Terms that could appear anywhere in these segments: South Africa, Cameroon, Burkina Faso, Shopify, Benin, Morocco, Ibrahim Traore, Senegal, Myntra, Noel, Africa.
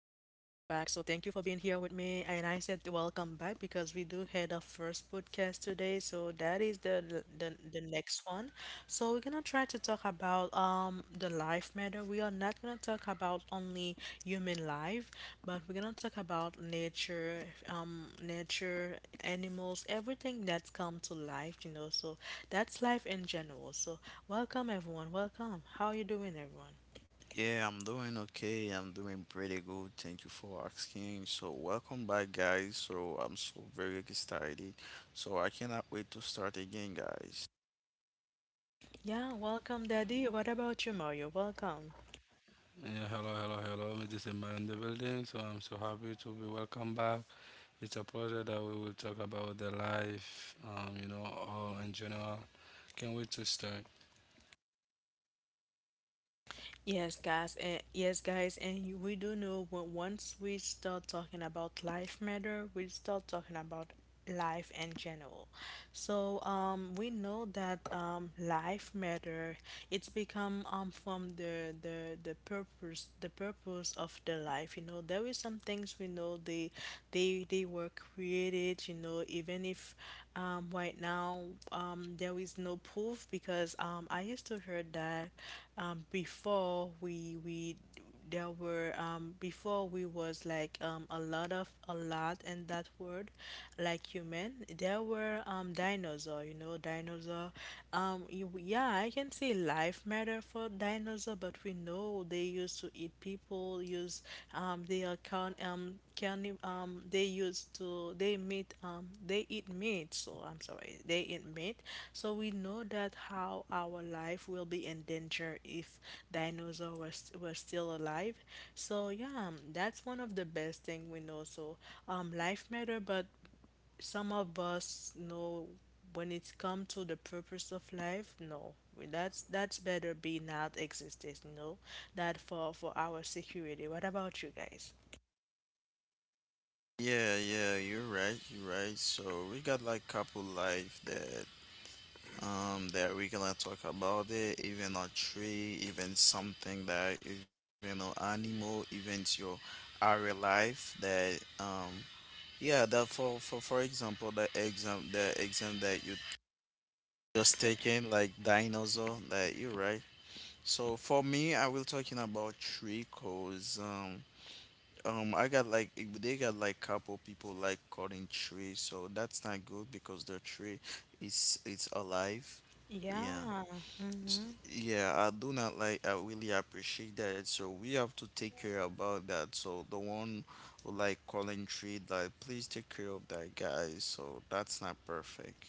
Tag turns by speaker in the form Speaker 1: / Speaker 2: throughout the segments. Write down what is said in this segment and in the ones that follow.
Speaker 1: So, thank you for being here with me. And I said welcome back because we do had our first podcast today. So, that is the next one. So, we're gonna try to talk about the life matter. We are not gonna talk about only human life, but we're gonna talk about nature, nature, animals, everything that's come to life. You know, so that's life in general. So, welcome, everyone. Welcome. How are you doing, everyone?
Speaker 2: Yeah, I'm doing okay. I'm doing pretty good. Thank you for asking. So, welcome back, guys. So, I'm so very excited. So, I cannot wait to start again, guys.
Speaker 1: Yeah, welcome, Daddy. What about you, Mario? Welcome.
Speaker 3: Yeah, hello, hello, hello. It is Emma in the building, so I'm so happy to be welcome back. It's a pleasure that we will talk about the life, all in general. Can't wait to start.
Speaker 1: Yes, guys, and we do know when once we start talking about life matter, we start talking about life in general. So, we know that life matter. It's become from the purpose of the life. You know, there is some things we know they were created. You know, even if right now, there is no proof, because I used to heard that before we there were, before we was like, a lot of a lot in that word, like human. There were, dinosaur, you know, dinosaur. Yeah, I can say life matter for dinosaur, but we know they used to eat people. Use they are count, can they used to they meat, they eat meat, so I'm sorry, they eat meat. So we know that how our life will be in danger if dinosaur were, still alive. So yeah, that's one of the best thing we know. So, life matter, but some of us know, when it come to the purpose of life, no, that's better be not existed, you know, that for our security. What about you guys?
Speaker 2: Yeah, yeah, you're right. You're right. So, we got like couple life that that we gonna talk about it, even a tree, even something that even an animal, even your our life that yeah that for example the exam that you just taking like dinosaur that you're right. So, for me, I will talking about tree cause I got like they got like couple people like cutting trees, so that's not good because the tree is it's alive. Yeah
Speaker 1: Yeah, mm-hmm.
Speaker 2: Yeah, I do not like I really appreciate that, so we have to take care about that, so the one who like calling tree, like please take care of that guy, so that's not perfect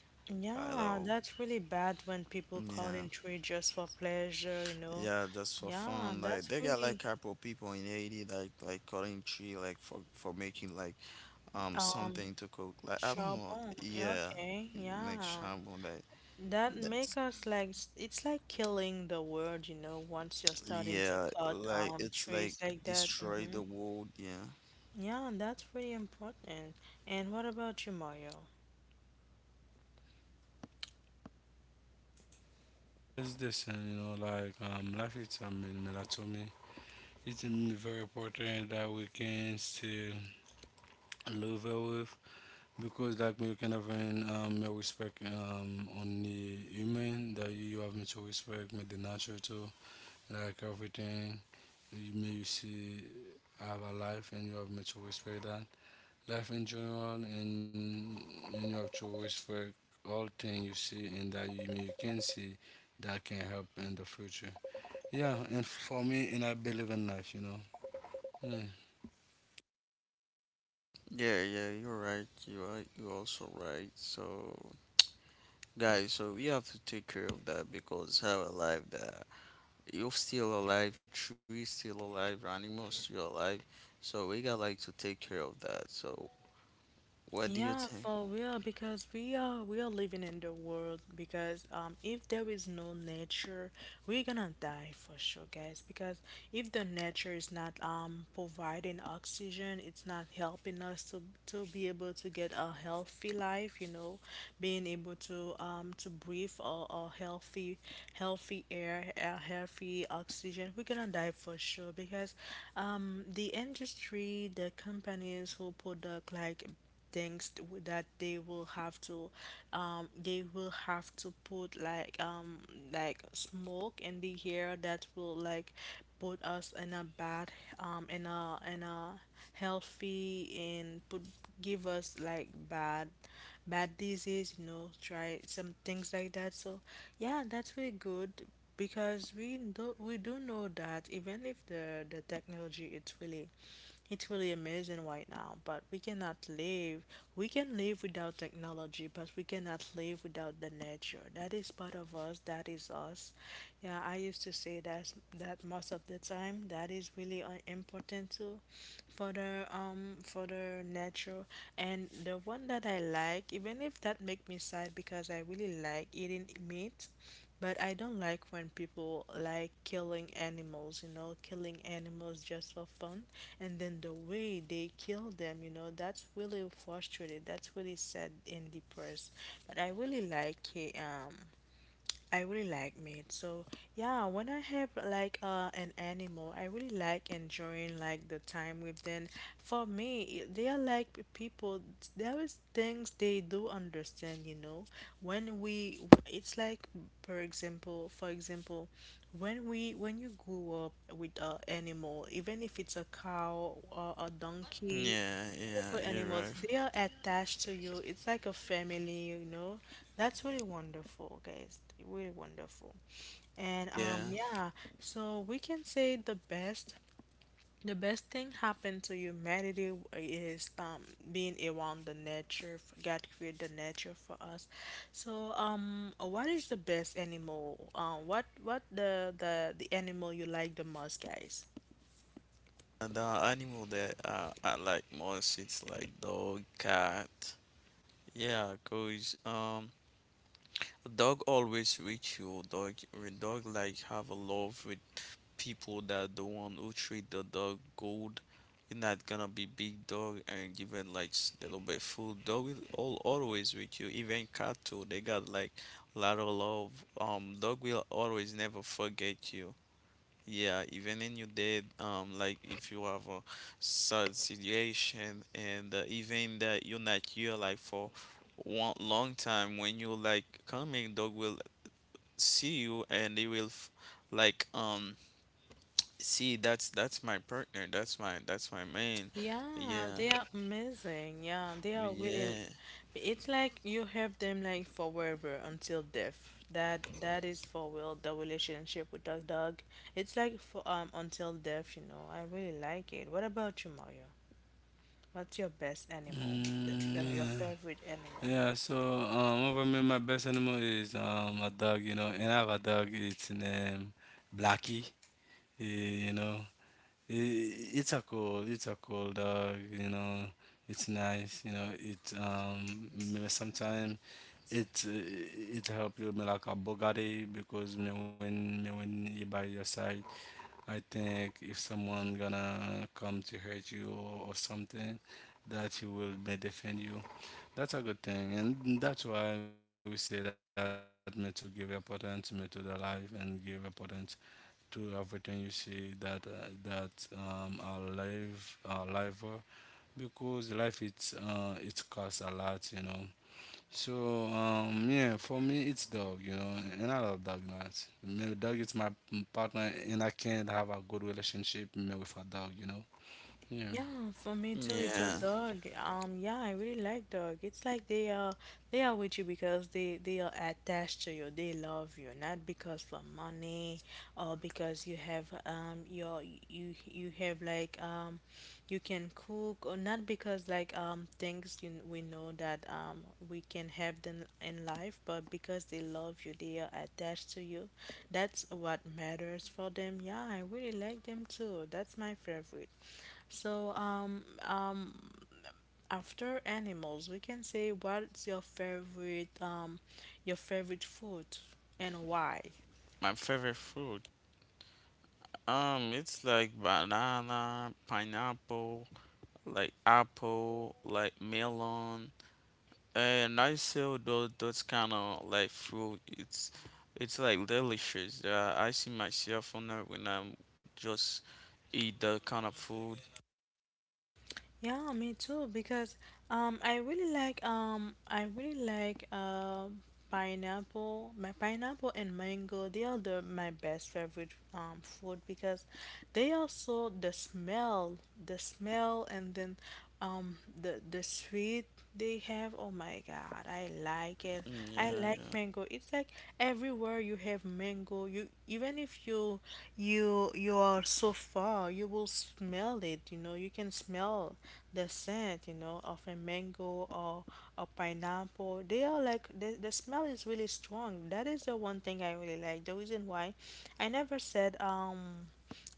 Speaker 2: at
Speaker 1: Yeah,
Speaker 2: all.
Speaker 1: that's really bad when people call
Speaker 2: Yeah
Speaker 1: in trade just for pleasure.
Speaker 2: Yeah, just for
Speaker 1: Yeah,
Speaker 2: fun. Like
Speaker 1: that's
Speaker 2: they got like
Speaker 1: really
Speaker 2: couple people in Haiti like cutting tree like for making like
Speaker 1: um
Speaker 2: something to cook. Like I don't know.
Speaker 1: charbon.
Speaker 2: Yeah,
Speaker 1: Okay,
Speaker 2: make
Speaker 1: yeah.
Speaker 2: shabu like
Speaker 1: That make
Speaker 2: that's
Speaker 1: us like it's like killing the world, once you're starting to
Speaker 2: yeah.
Speaker 1: cut
Speaker 2: Like it's
Speaker 1: trees
Speaker 2: like
Speaker 1: like that.
Speaker 2: destroy
Speaker 1: Mm-hmm.
Speaker 2: the world. Yeah.
Speaker 1: Yeah, that's really important. And what about you, Mario?
Speaker 3: It's this, and like life is in melatonin. It's very important that we can still live with, because like me, you can have an, a respect on the human that you have me to respect me the nature too, like everything you may you see. I have a life and you have much to for that life in general. And you have to for all thing you see, and that you may you can see that can help in the future. Yeah, and for me, and I believe in life, yeah.
Speaker 2: Yeah, yeah. You're right. You're right. You're also right. So, guys, so we have to take care of that because have a life that you're still alive. Tree still alive. Animals still alive. So, we got like to take care of that. So, what do you
Speaker 1: Yeah,
Speaker 2: think?
Speaker 1: for real, because we are living in the world, because if there is no nature, we're gonna die for sure, guys. Because if the nature is not providing oxygen, it's not helping us to be able to get a healthy life, being able to breathe a healthy air, a healthy oxygen, we're gonna die for sure, because the industry, the companies who product like things that they will have to, they will have to put like, like smoke in the air, that will like put us in a bad, in a healthy, and put, give us like bad disease, you know, try some things like that. So yeah, that's really good. Because we do know that, even if the technology it's really, it's really amazing right now, but we cannot live, we can live without technology, but we cannot live without the nature, that is part of us, that is us. Yeah, I used to say that, most of the time that is really, important too, for the, for the nature. And the one that I like, even if that make me sad because I really like eating meat, but I don't like when people like killing animals, killing animals just for fun. And then the way they kill them, that's really frustrated. That's really sad and depressed. But I really like it. I really like meat. So yeah, when I have like, an animal, I really like enjoying like the time with them. For me, they are like people. There is things they do understand. You know, when we, it's like, for example, when you grew up with a animal, even if it's a cow or a donkey.
Speaker 2: Yeah, yeah,
Speaker 1: Pet
Speaker 2: you're
Speaker 1: animals,
Speaker 2: right.
Speaker 1: they are attached to you. It's like a family. That's really wonderful, guys. Really wonderful. And
Speaker 2: Yeah,
Speaker 1: yeah, so we can say the best, thing happened to humanity is, being around the nature. God created the nature for us. So, what is the best animal? What the animal you like the most, guys?
Speaker 2: and the animal that I like most, it's like dog, cat. Yeah, cause a dog always with you. Dog, a dog like have a love with people that the one who treat the dog good. You're not gonna be big dog and give it like a little bit food. Dog will all always with you. Even cat too. They got like lot of love. Dog will always never forget you. Yeah, even in your dead, like if you have a sad situation and even that you're not here like for one long time, when you like coming, dog will see you and they will f like see that's my partner, that's my man.
Speaker 1: Yeah,
Speaker 2: Yeah,
Speaker 1: they are amazing. Yeah, they are really.
Speaker 2: yeah,
Speaker 1: It's like you have them like forever until death. That is for real. The relationship with dog. It's like for, until death. You know, I really like it. What about you, Mario? What's your best animal?
Speaker 3: Mm,
Speaker 1: Your favorite
Speaker 3: yeah. Yeah, so
Speaker 1: animal?
Speaker 3: over me my best animal is a dog, you know, and I have a dog. It's named Blackie. eh, you know. I. It's a cool dog, you know. It's nice, you know. It sometimes, it uh, it help you me like a Bugatti, because me when you by your side, I think if someone gonna come to hurt you, or something, that you will may defend you. That's a good thing, and that's why we say that me to give importance me to the life and give importance to everything you see, that are live are liver, because life it's it costs a lot, you know. So yeah, for me it's dog, you know, and I love dog a lot. Dog is my partner, and I can't have a good relationship me with a dog, you know. Yeah.
Speaker 1: Yeah, for me too, it's a
Speaker 2: yeah.
Speaker 1: dog. Yeah, I really like dog. It's like they are with you, because they are attached to you. They love you, not because for money, or because you have, your, you have like, you can cook or not, because like, things, we know that, we can have them in life, but because they love you, they are attached to you. That's what matters for them. Yeah, I really like them too. That's my favorite. So, after animals, we can say, what's your favorite food, and why?
Speaker 2: My favorite fruit, it's like banana, pineapple, like apple, like melon. And I sell those kind of like fruit. It's like delicious. I see myself on that when I'm just eat that kind of food.
Speaker 1: Yeah, me too, because, I really like, pineapple, my pineapple and mango, they are the my best favorite, food, because they also the smell, and then, the sweet they have, oh my god, I like it.
Speaker 2: Mm,
Speaker 1: I
Speaker 2: yeah,
Speaker 1: like
Speaker 2: yeah.
Speaker 1: mango. It's like everywhere you have mango you even if you are so far, you will smell it, you can smell the scent of a mango, or pineapple. They are like the smell is really strong. That is the one thing I really like. The reason why I never said,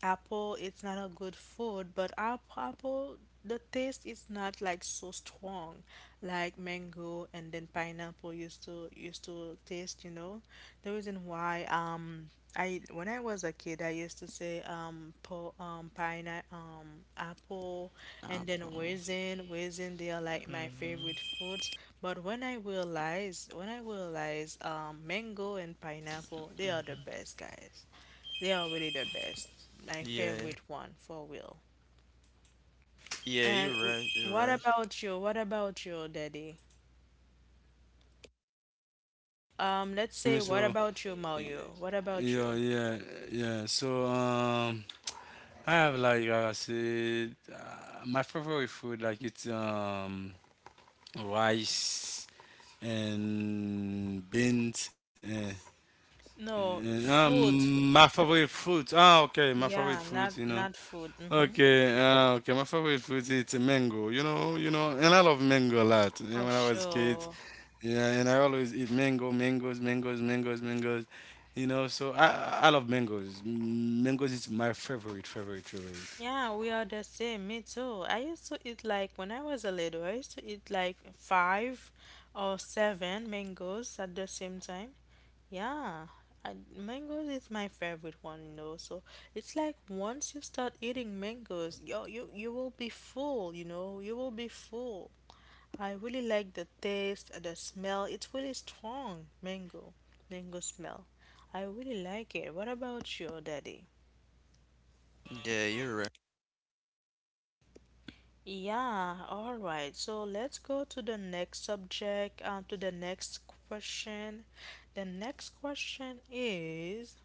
Speaker 1: apple it's not a good food, but apple, the taste is not like so strong like mango, and then pineapple used to taste. The reason why, I when I was a kid, I used to say, po pineapple, apple, and then
Speaker 2: Apple.
Speaker 1: raisin. Raisin, they are like my
Speaker 2: Hmm.
Speaker 1: favorite foods. But when I realize, mango and pineapple, they are the best, guys. They are really the best. My
Speaker 2: Yeah,
Speaker 1: favorite one, for real.
Speaker 2: yeah.
Speaker 1: And
Speaker 2: You're right. You're
Speaker 1: what
Speaker 2: right.
Speaker 1: about you? What about you, Daddy?
Speaker 3: For
Speaker 1: Let's
Speaker 3: me,
Speaker 1: say,
Speaker 3: so
Speaker 1: what about you,
Speaker 3: y-
Speaker 1: Mario? What
Speaker 3: yeah,
Speaker 1: about you?
Speaker 3: yeah, yeah. So I have, like I said, my favorite food like it's rice and beans.
Speaker 1: No, food.
Speaker 3: My favorite fruit. Ah, okay, my favorite
Speaker 1: Yeah,
Speaker 3: fruit. You
Speaker 1: not
Speaker 3: know.
Speaker 1: food. Mm-hmm.
Speaker 3: Okay. Okay, my favorite fruit is a mango. You know. You know. And I love mango a lot. You know, when
Speaker 1: For
Speaker 3: I was a kid.
Speaker 1: sure.
Speaker 3: Yeah. And I always eat mango, mangoes, mangoes, mangoes, mangoes. You know. So I love mangoes. Mm, mangoes is my favorite, favorite, favorite.
Speaker 1: Yeah, we are the same. Me too. I used to eat like, when I was a little, I used to eat like five or seven mangoes at the same time. Yeah, mangoes is my favorite one. So it's like once you start eating mangoes, yo, you will be full, you know. You will be full. I really like the taste, the smell. It's really strong, mango smell. I really like it. What about you, Daddy?
Speaker 2: Yeah, you're right.
Speaker 1: Yeah, all right. So let's go to the next subject, to the next question. The next question is,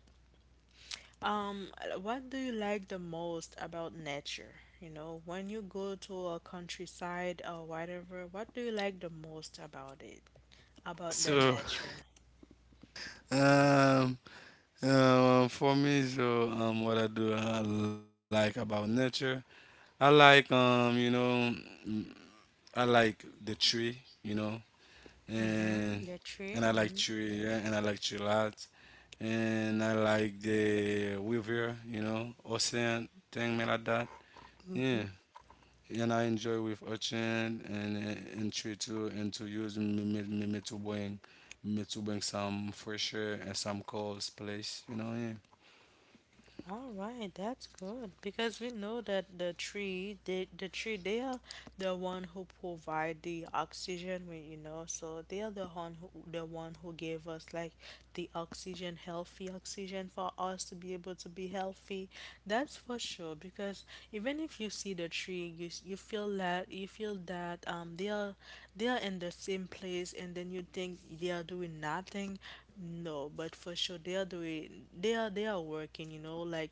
Speaker 1: um, what do you like the most about nature? You know, when you go to a countryside or whatever, what do you like the most about it? About the
Speaker 3: So,
Speaker 1: nature?
Speaker 3: um, for me, so what I do like about nature, I like, you know, mm, I like the tree, you know,
Speaker 1: Mm-hmm.
Speaker 3: and
Speaker 1: The
Speaker 3: and I like
Speaker 1: tree?
Speaker 3: tree, yeah, and I like tree a lot, and I like the river, you know, ocean thing me like that,
Speaker 1: Mm-hmm.
Speaker 3: yeah. And I enjoy with ocean and tree too, and to use me to bring some fresh air and some cold place, you know, yeah.
Speaker 1: All right, that's good, because we know that the tree, they are the one who provide the oxygen. We, you know, so they are the one who, gave us like the oxygen, healthy oxygen, for us to be able to be healthy. That's for sure, because even if you see the tree, you feel that, they are in the same place, and then you think they are doing nothing. No, but for sure they are doing they are working, you know, like,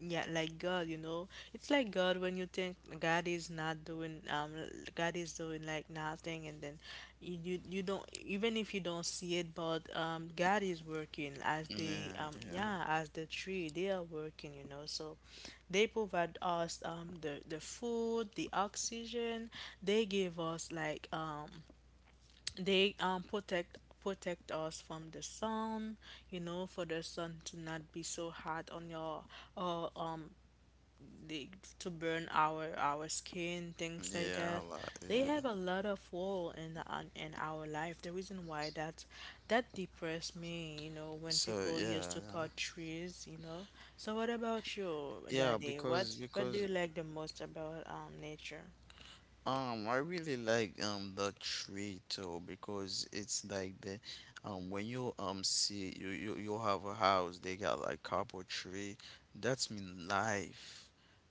Speaker 1: yeah, like God. It's like God, when you think God is not doing, God is doing like nothing, and then you don't, even if you don't see it, but, God is working, as the
Speaker 2: Yeah,
Speaker 1: um
Speaker 2: yeah,
Speaker 1: yeah, as the tree, they are working. So they provide us, the food, the oxygen. They give us like, they, protect us from the sun, for the sun to not be so hot on your, or, the to burn our skin, things like
Speaker 2: yeah. A
Speaker 1: that.
Speaker 2: lot.
Speaker 1: They
Speaker 2: Yeah.
Speaker 1: have a lot of role in in our life. The reason why that depressed me when
Speaker 2: So,
Speaker 1: people used
Speaker 2: yeah,
Speaker 1: to cut trees. So what about you,
Speaker 2: yeah, yeah.
Speaker 1: Daddy?
Speaker 2: Because
Speaker 1: What do
Speaker 2: because
Speaker 1: you like the most about, nature?
Speaker 2: Um, I really like the tree too because it's like the when you see you have a house, they got like couple tree. That's mean life.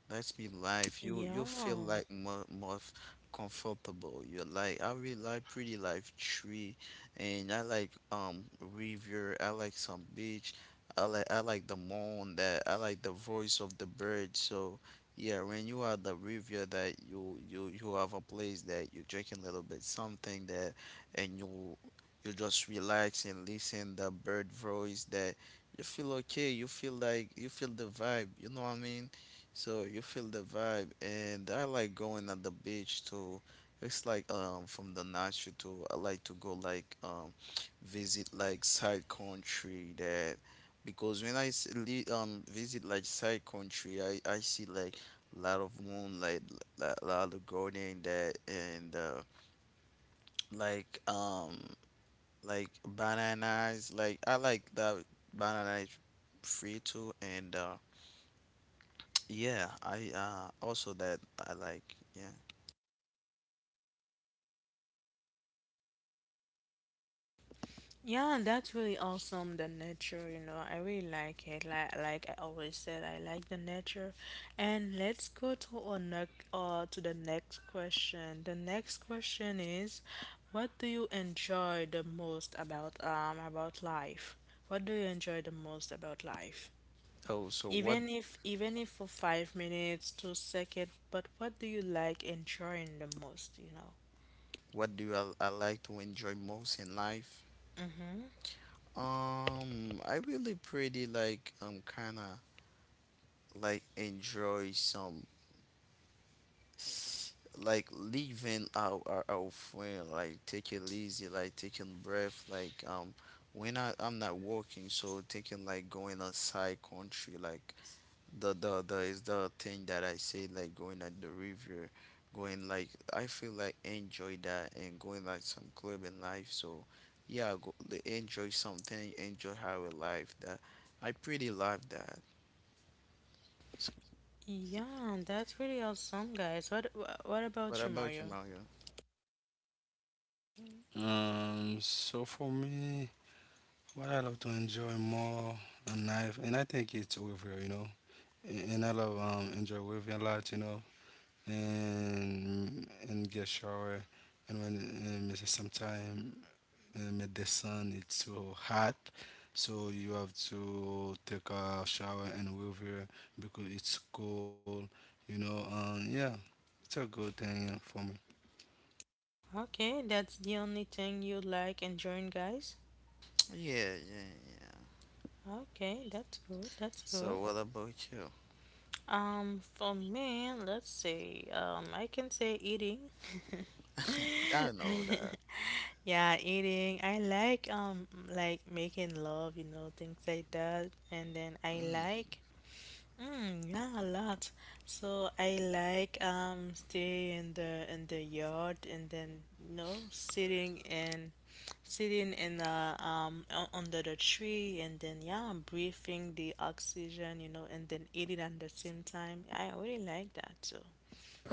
Speaker 2: You feel
Speaker 1: Yeah.
Speaker 2: like more comfortable, you like, I really like pretty life tree. And I like river. I like some beach. I like the moon that I like the voice of the bird so. Yeah, when you are the river that you have a place that you drinking a little bit something that and you just relax and listen the bird voice that you feel okay, you feel the vibe, you know what I mean? So, you feel the vibe and I like going at the beach too. It's like from the nature too. I like to go like visit like side country that because when I visit like side country, I see like lot of moonlight, a lot of gardening that, and like um, like bananas. Like I like that banana is free too, and yeah, I also that I like yeah.
Speaker 1: Yeah, that's really awesome. The nature, you know, I really like it. Like I always said, I like the nature. And let's go to our next, to the next question. The next question is, what do you enjoy the most about life? What do you enjoy the most about life?
Speaker 2: Oh, so
Speaker 1: Even if for 5 minutes, 2 seconds, but what do you like enjoying the most? You know.
Speaker 2: what do I like to enjoy most in life?
Speaker 1: Mm-hmm.
Speaker 2: I really pretty like kind of like enjoy some like leaving our friend like taking lazy, like taking breath like when I'm not working so thinking like going outside country like the is the thing that I say like going at the river going like I feel like enjoy that and going like some club in life. So, yeah, go, enjoy something, enjoy how we life that I pretty love that. So,
Speaker 1: Yeah, that's really awesome, guys. What what
Speaker 2: what
Speaker 1: about you,
Speaker 2: about you,
Speaker 1: Mario?
Speaker 2: Mario?
Speaker 3: So for me. What I love to enjoy more in life, and I think it's over, you know. And I love enjoy with a lot, you know, and get shower, and it's sometime, the sun it's so hot, so you have to take a shower and with, because it's cold, you know. Yeah, it's a good thing, for me.
Speaker 1: Okay, that's the only thing you like and join, guys.
Speaker 2: Yeah, yeah, yeah.
Speaker 1: Okay, that's good. That's good.
Speaker 2: So, what about you?
Speaker 1: For me, let's see. I can say eating.
Speaker 2: I know that.
Speaker 1: Yeah, eating. I like making love, you know, things like that. And then I
Speaker 2: Mm,
Speaker 1: like Mm, yeah, a lot. So I like stay in the yard and then you know sitting in the under the tree and then yeah breathing the oxygen, you know, and then eating at the same time. I really like that too.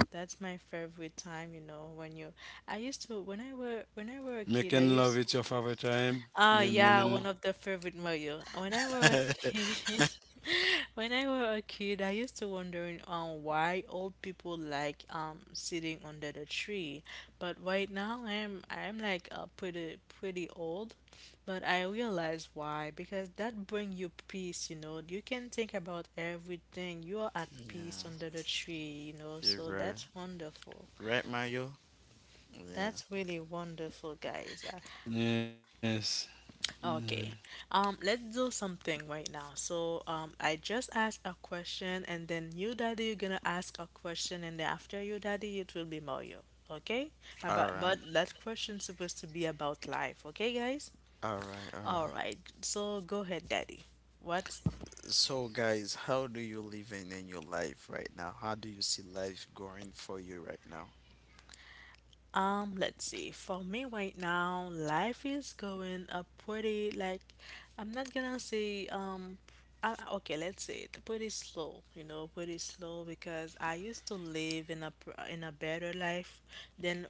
Speaker 1: That's my favorite time, you know, when you I used to when I were a kid I
Speaker 3: Making love
Speaker 1: used.
Speaker 3: it's your favorite time,
Speaker 1: Ah
Speaker 3: me,
Speaker 1: yeah,
Speaker 3: me,
Speaker 1: one of the favorite Mario. When I were a kid, when I were a kid, I used to wondering why old people sitting under the tree. But right now I'm like pretty old, but I realize why because that bring you peace. You know, you can think about everything. You are at
Speaker 2: yeah,
Speaker 1: peace under the tree. You know,
Speaker 2: you're
Speaker 1: so
Speaker 2: right.
Speaker 1: that's wonderful.
Speaker 2: Right, Mayo? Yeah.
Speaker 1: That's really wonderful, guys.
Speaker 3: yes. Yes.
Speaker 1: Okay. Let's do something right now. So, I just asked a question, and then you, Daddy, you're gonna ask a question, and then after you, Daddy, it will be Mario. Okay?
Speaker 2: All
Speaker 1: About
Speaker 2: right.
Speaker 1: but that question's supposed to be about life. Okay, guys?
Speaker 2: All right. All
Speaker 1: All
Speaker 2: right.
Speaker 1: right. So go ahead, Daddy. What's.
Speaker 2: So, guys, how do you live in your life right now? How do you see life going for you right now?
Speaker 1: Let's see. For me right now, life is going a pretty like I'm not gonna say I, okay, let's say it pretty slow, you know, pretty slow because I used to live in a in a better life than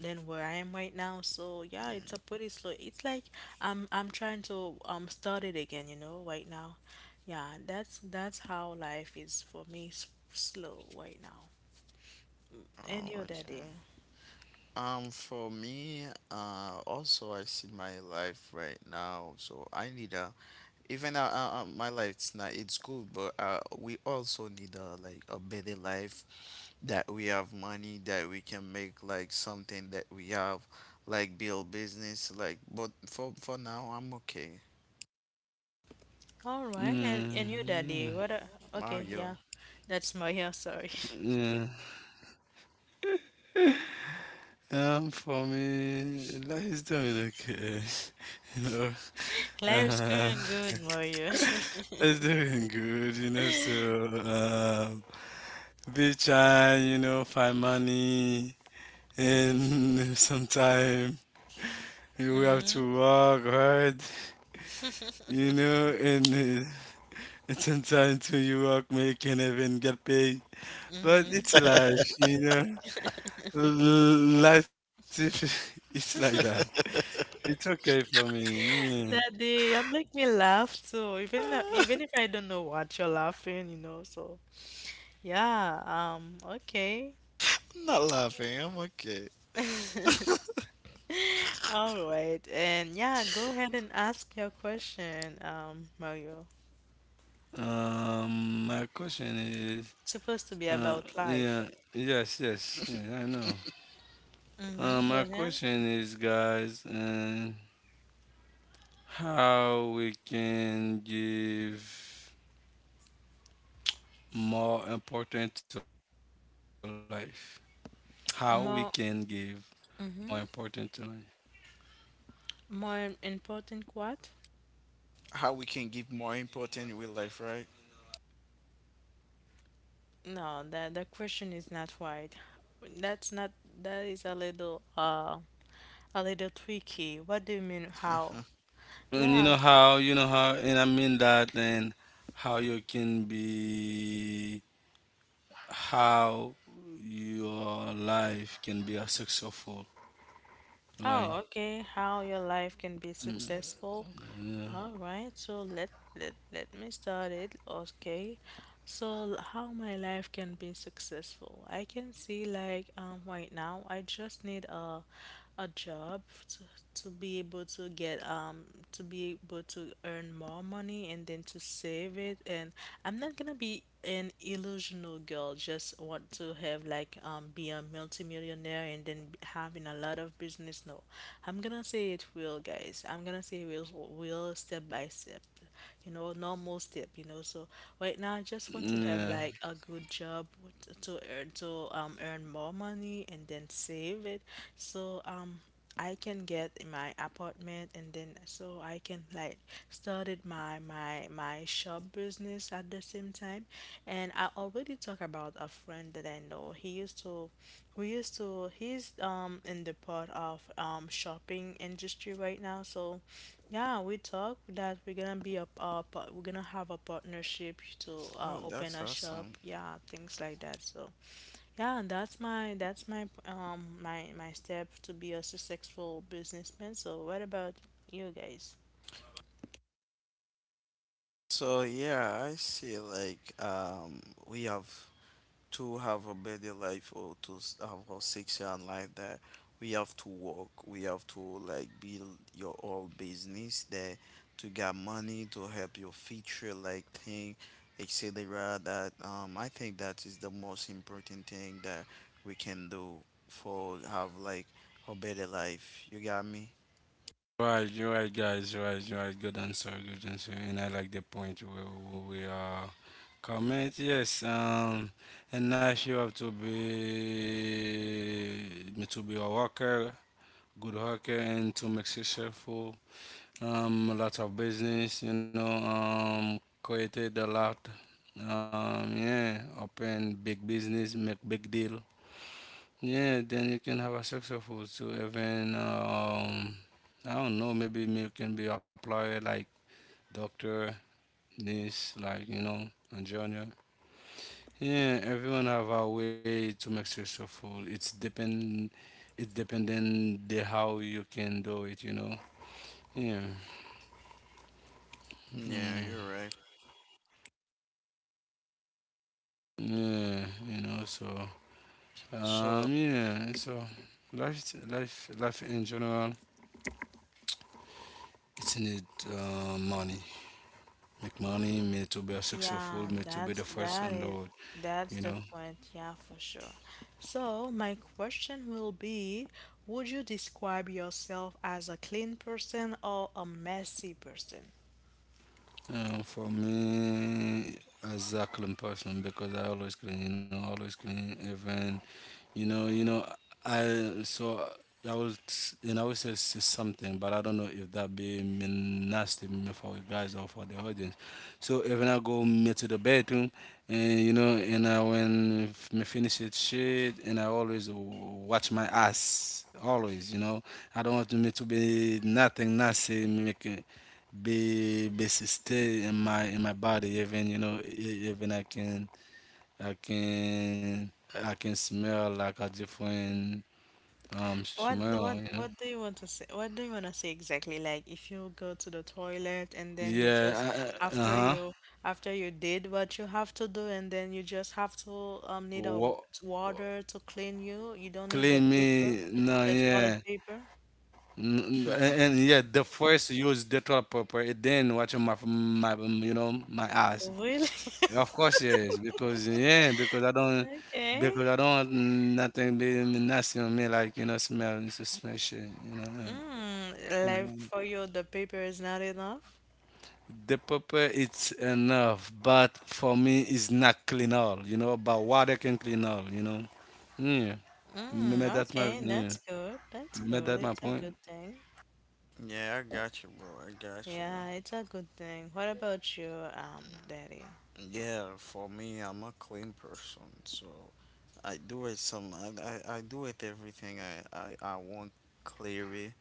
Speaker 1: than where I am right now. So yeah, it's a pretty slow. It's like I'm trying to start it again, you know, right now. Yeah, that's how life is for me. Slow right now. Any
Speaker 2: Oh,
Speaker 1: other
Speaker 2: okay.
Speaker 1: day.
Speaker 2: For me, also I see my life right now, so I need a even my life's not it's good, but we also need a like a better life that we have money that we can make like something that we have like build business like but for now I'm okay.
Speaker 1: All right, and your daddy,
Speaker 3: Mm,
Speaker 1: what a, okay,
Speaker 2: Mario.
Speaker 1: yeah. That's Mario, sorry.
Speaker 3: yeah. For me, life is doing okay. You know,
Speaker 1: Life's
Speaker 3: uh,
Speaker 1: going good, Mario.
Speaker 3: it's doing good. You know, so be trying. You know, find money, and sometime you have to work hard. You know, and it's sometimes to you work, may you can even get paid. But
Speaker 1: Mm-hmm.
Speaker 3: it's life. You know, life. It's like that. It's okay for me.
Speaker 1: Daddy, you make me laugh too. Even if, even if I don't know what you're laughing, you know, so yeah, okay.
Speaker 2: Not laughing, I'm okay.
Speaker 1: All right, and yeah, go ahead and ask your question, Mario.
Speaker 3: Yeah. My question is,
Speaker 1: It's supposed to be
Speaker 3: uh,
Speaker 1: about
Speaker 3: yeah,
Speaker 1: life.
Speaker 3: yes, yes, yeah, I know.
Speaker 1: Mm-hmm,
Speaker 3: My
Speaker 1: go ahead.
Speaker 3: question is, guys, and how we can give more important to life? How we can give
Speaker 1: More
Speaker 3: more important to life?
Speaker 1: More important what?
Speaker 2: How we can give more important with life, right?
Speaker 1: No, the question is not right. That's not that is a little tricky. What do you mean how?
Speaker 3: And
Speaker 1: Yeah.
Speaker 3: you know how, and I mean that, and how you can be how your life can be a successful, right?
Speaker 1: Oh, okay. How your life can be successful. All right. So let let me start it. Okay. So, how my life can be successful? I can see right now I just need a job to, to be able to get to be able to earn more money and then to save it and I'm not gonna be an illusional girl just want to have be a multimillionaire and then having a lot of business no. I'm gonna say it real, guys, I'm gonna say it real, real step by step, you know, normal step, you know. So right now I just want to
Speaker 3: Yeah,
Speaker 1: have like a good job to earn more money and then save it. So I can get my apartment and then so I can like started my shop business at the same time and I already talked about a friend that I know he used to we used to he's in the part of shopping industry right now so yeah, we talk that we're gonna be a we're gonna have a partnership to
Speaker 2: Oh,
Speaker 1: open
Speaker 2: that's
Speaker 1: a shop,
Speaker 2: awesome.
Speaker 1: yeah, things like that. So yeah, and that's my step to be a successful businessman. So what about you guys?
Speaker 2: So, yeah, I see like we have to have a better life or to have a section like that. We have to work, we have to like build your own business that to get money to help your future like thing, etc., that I think that is the most important thing that we can do for have like a better life, you got me?
Speaker 3: right, you're right, guys, you're right, you're right. Good answer, good answer. And I like the point where we are comment. Yes, and life you have to be a worker, good worker, and to make successful. A lot of business, you know, created a lot. Yeah, open big business, make big deal. Yeah, then you can have a successful. So even, I don't know, maybe may can be applied like doctor, nurse, like you know, and junior. Yeah, everyone have a way to make successful. It's dependent, the how you can do it. You know. Yeah. Mm,
Speaker 2: Yeah, you're right.
Speaker 3: yeah. You know. So.
Speaker 2: So.
Speaker 3: Yeah. So, life in general, it's need, money. Make money, me to be a successful, me
Speaker 1: Yeah,
Speaker 3: to be the
Speaker 1: that's
Speaker 3: first on the
Speaker 1: that
Speaker 3: road,
Speaker 1: is
Speaker 3: you
Speaker 1: that's
Speaker 3: know.
Speaker 1: the point. Yeah, for sure. So my question will be, would you describe yourself as a clean person or a messy person?
Speaker 3: For me, as a clean person, because I always clean, you know, always clean, even. You know, you know, I so I will, you know, I will say something, but I don't know if that be mean nasty me for you guys or for the audience. So even I go me to the bedroom, and you know, and me finish it shit, and I always watch my ass always. You know, I don't want me to be nothing nasty make. Be stay in my body, even, you know, even I can I can smell like a different
Speaker 1: What
Speaker 3: smell, you know.
Speaker 1: what do you want to say? What do you want to say exactly? Like if you go to the toilet and then you just
Speaker 3: Yeah, uh
Speaker 1: after
Speaker 3: huh.
Speaker 1: you after you did what you have to do and then you just have to need a
Speaker 3: What
Speaker 1: water to clean you. You don't need the
Speaker 3: clean
Speaker 1: paper,
Speaker 3: me? No,
Speaker 1: the toilet
Speaker 3: yeah.
Speaker 1: paper.
Speaker 3: And, yeah, the first use dental proper, it then watching my my my eyes.
Speaker 1: Really?
Speaker 3: Of course, yes, because yeah,
Speaker 1: Okay.
Speaker 3: because I don't nothing be nothing on me, like, you know, smell it's a smell shit, you know.
Speaker 1: Mm, like
Speaker 3: Yeah.
Speaker 1: for you, the paper is not enough.
Speaker 3: The paper it's enough, but for me it's not clean all, you know. But water can clean all, you know. Yeah,
Speaker 1: Mm,
Speaker 3: maybe that's my
Speaker 1: okay,
Speaker 3: yeah,
Speaker 1: that's good. That's
Speaker 3: maybe
Speaker 1: good.
Speaker 3: that's my
Speaker 1: It's a
Speaker 3: point.
Speaker 1: good thing.
Speaker 2: Yeah, I got you, bro, I got you.
Speaker 1: Yeah, it's a good thing. What about you, Daddy?
Speaker 2: Yeah, for me, I'm a clean person. So, I do it some. I do it everything I want clearly,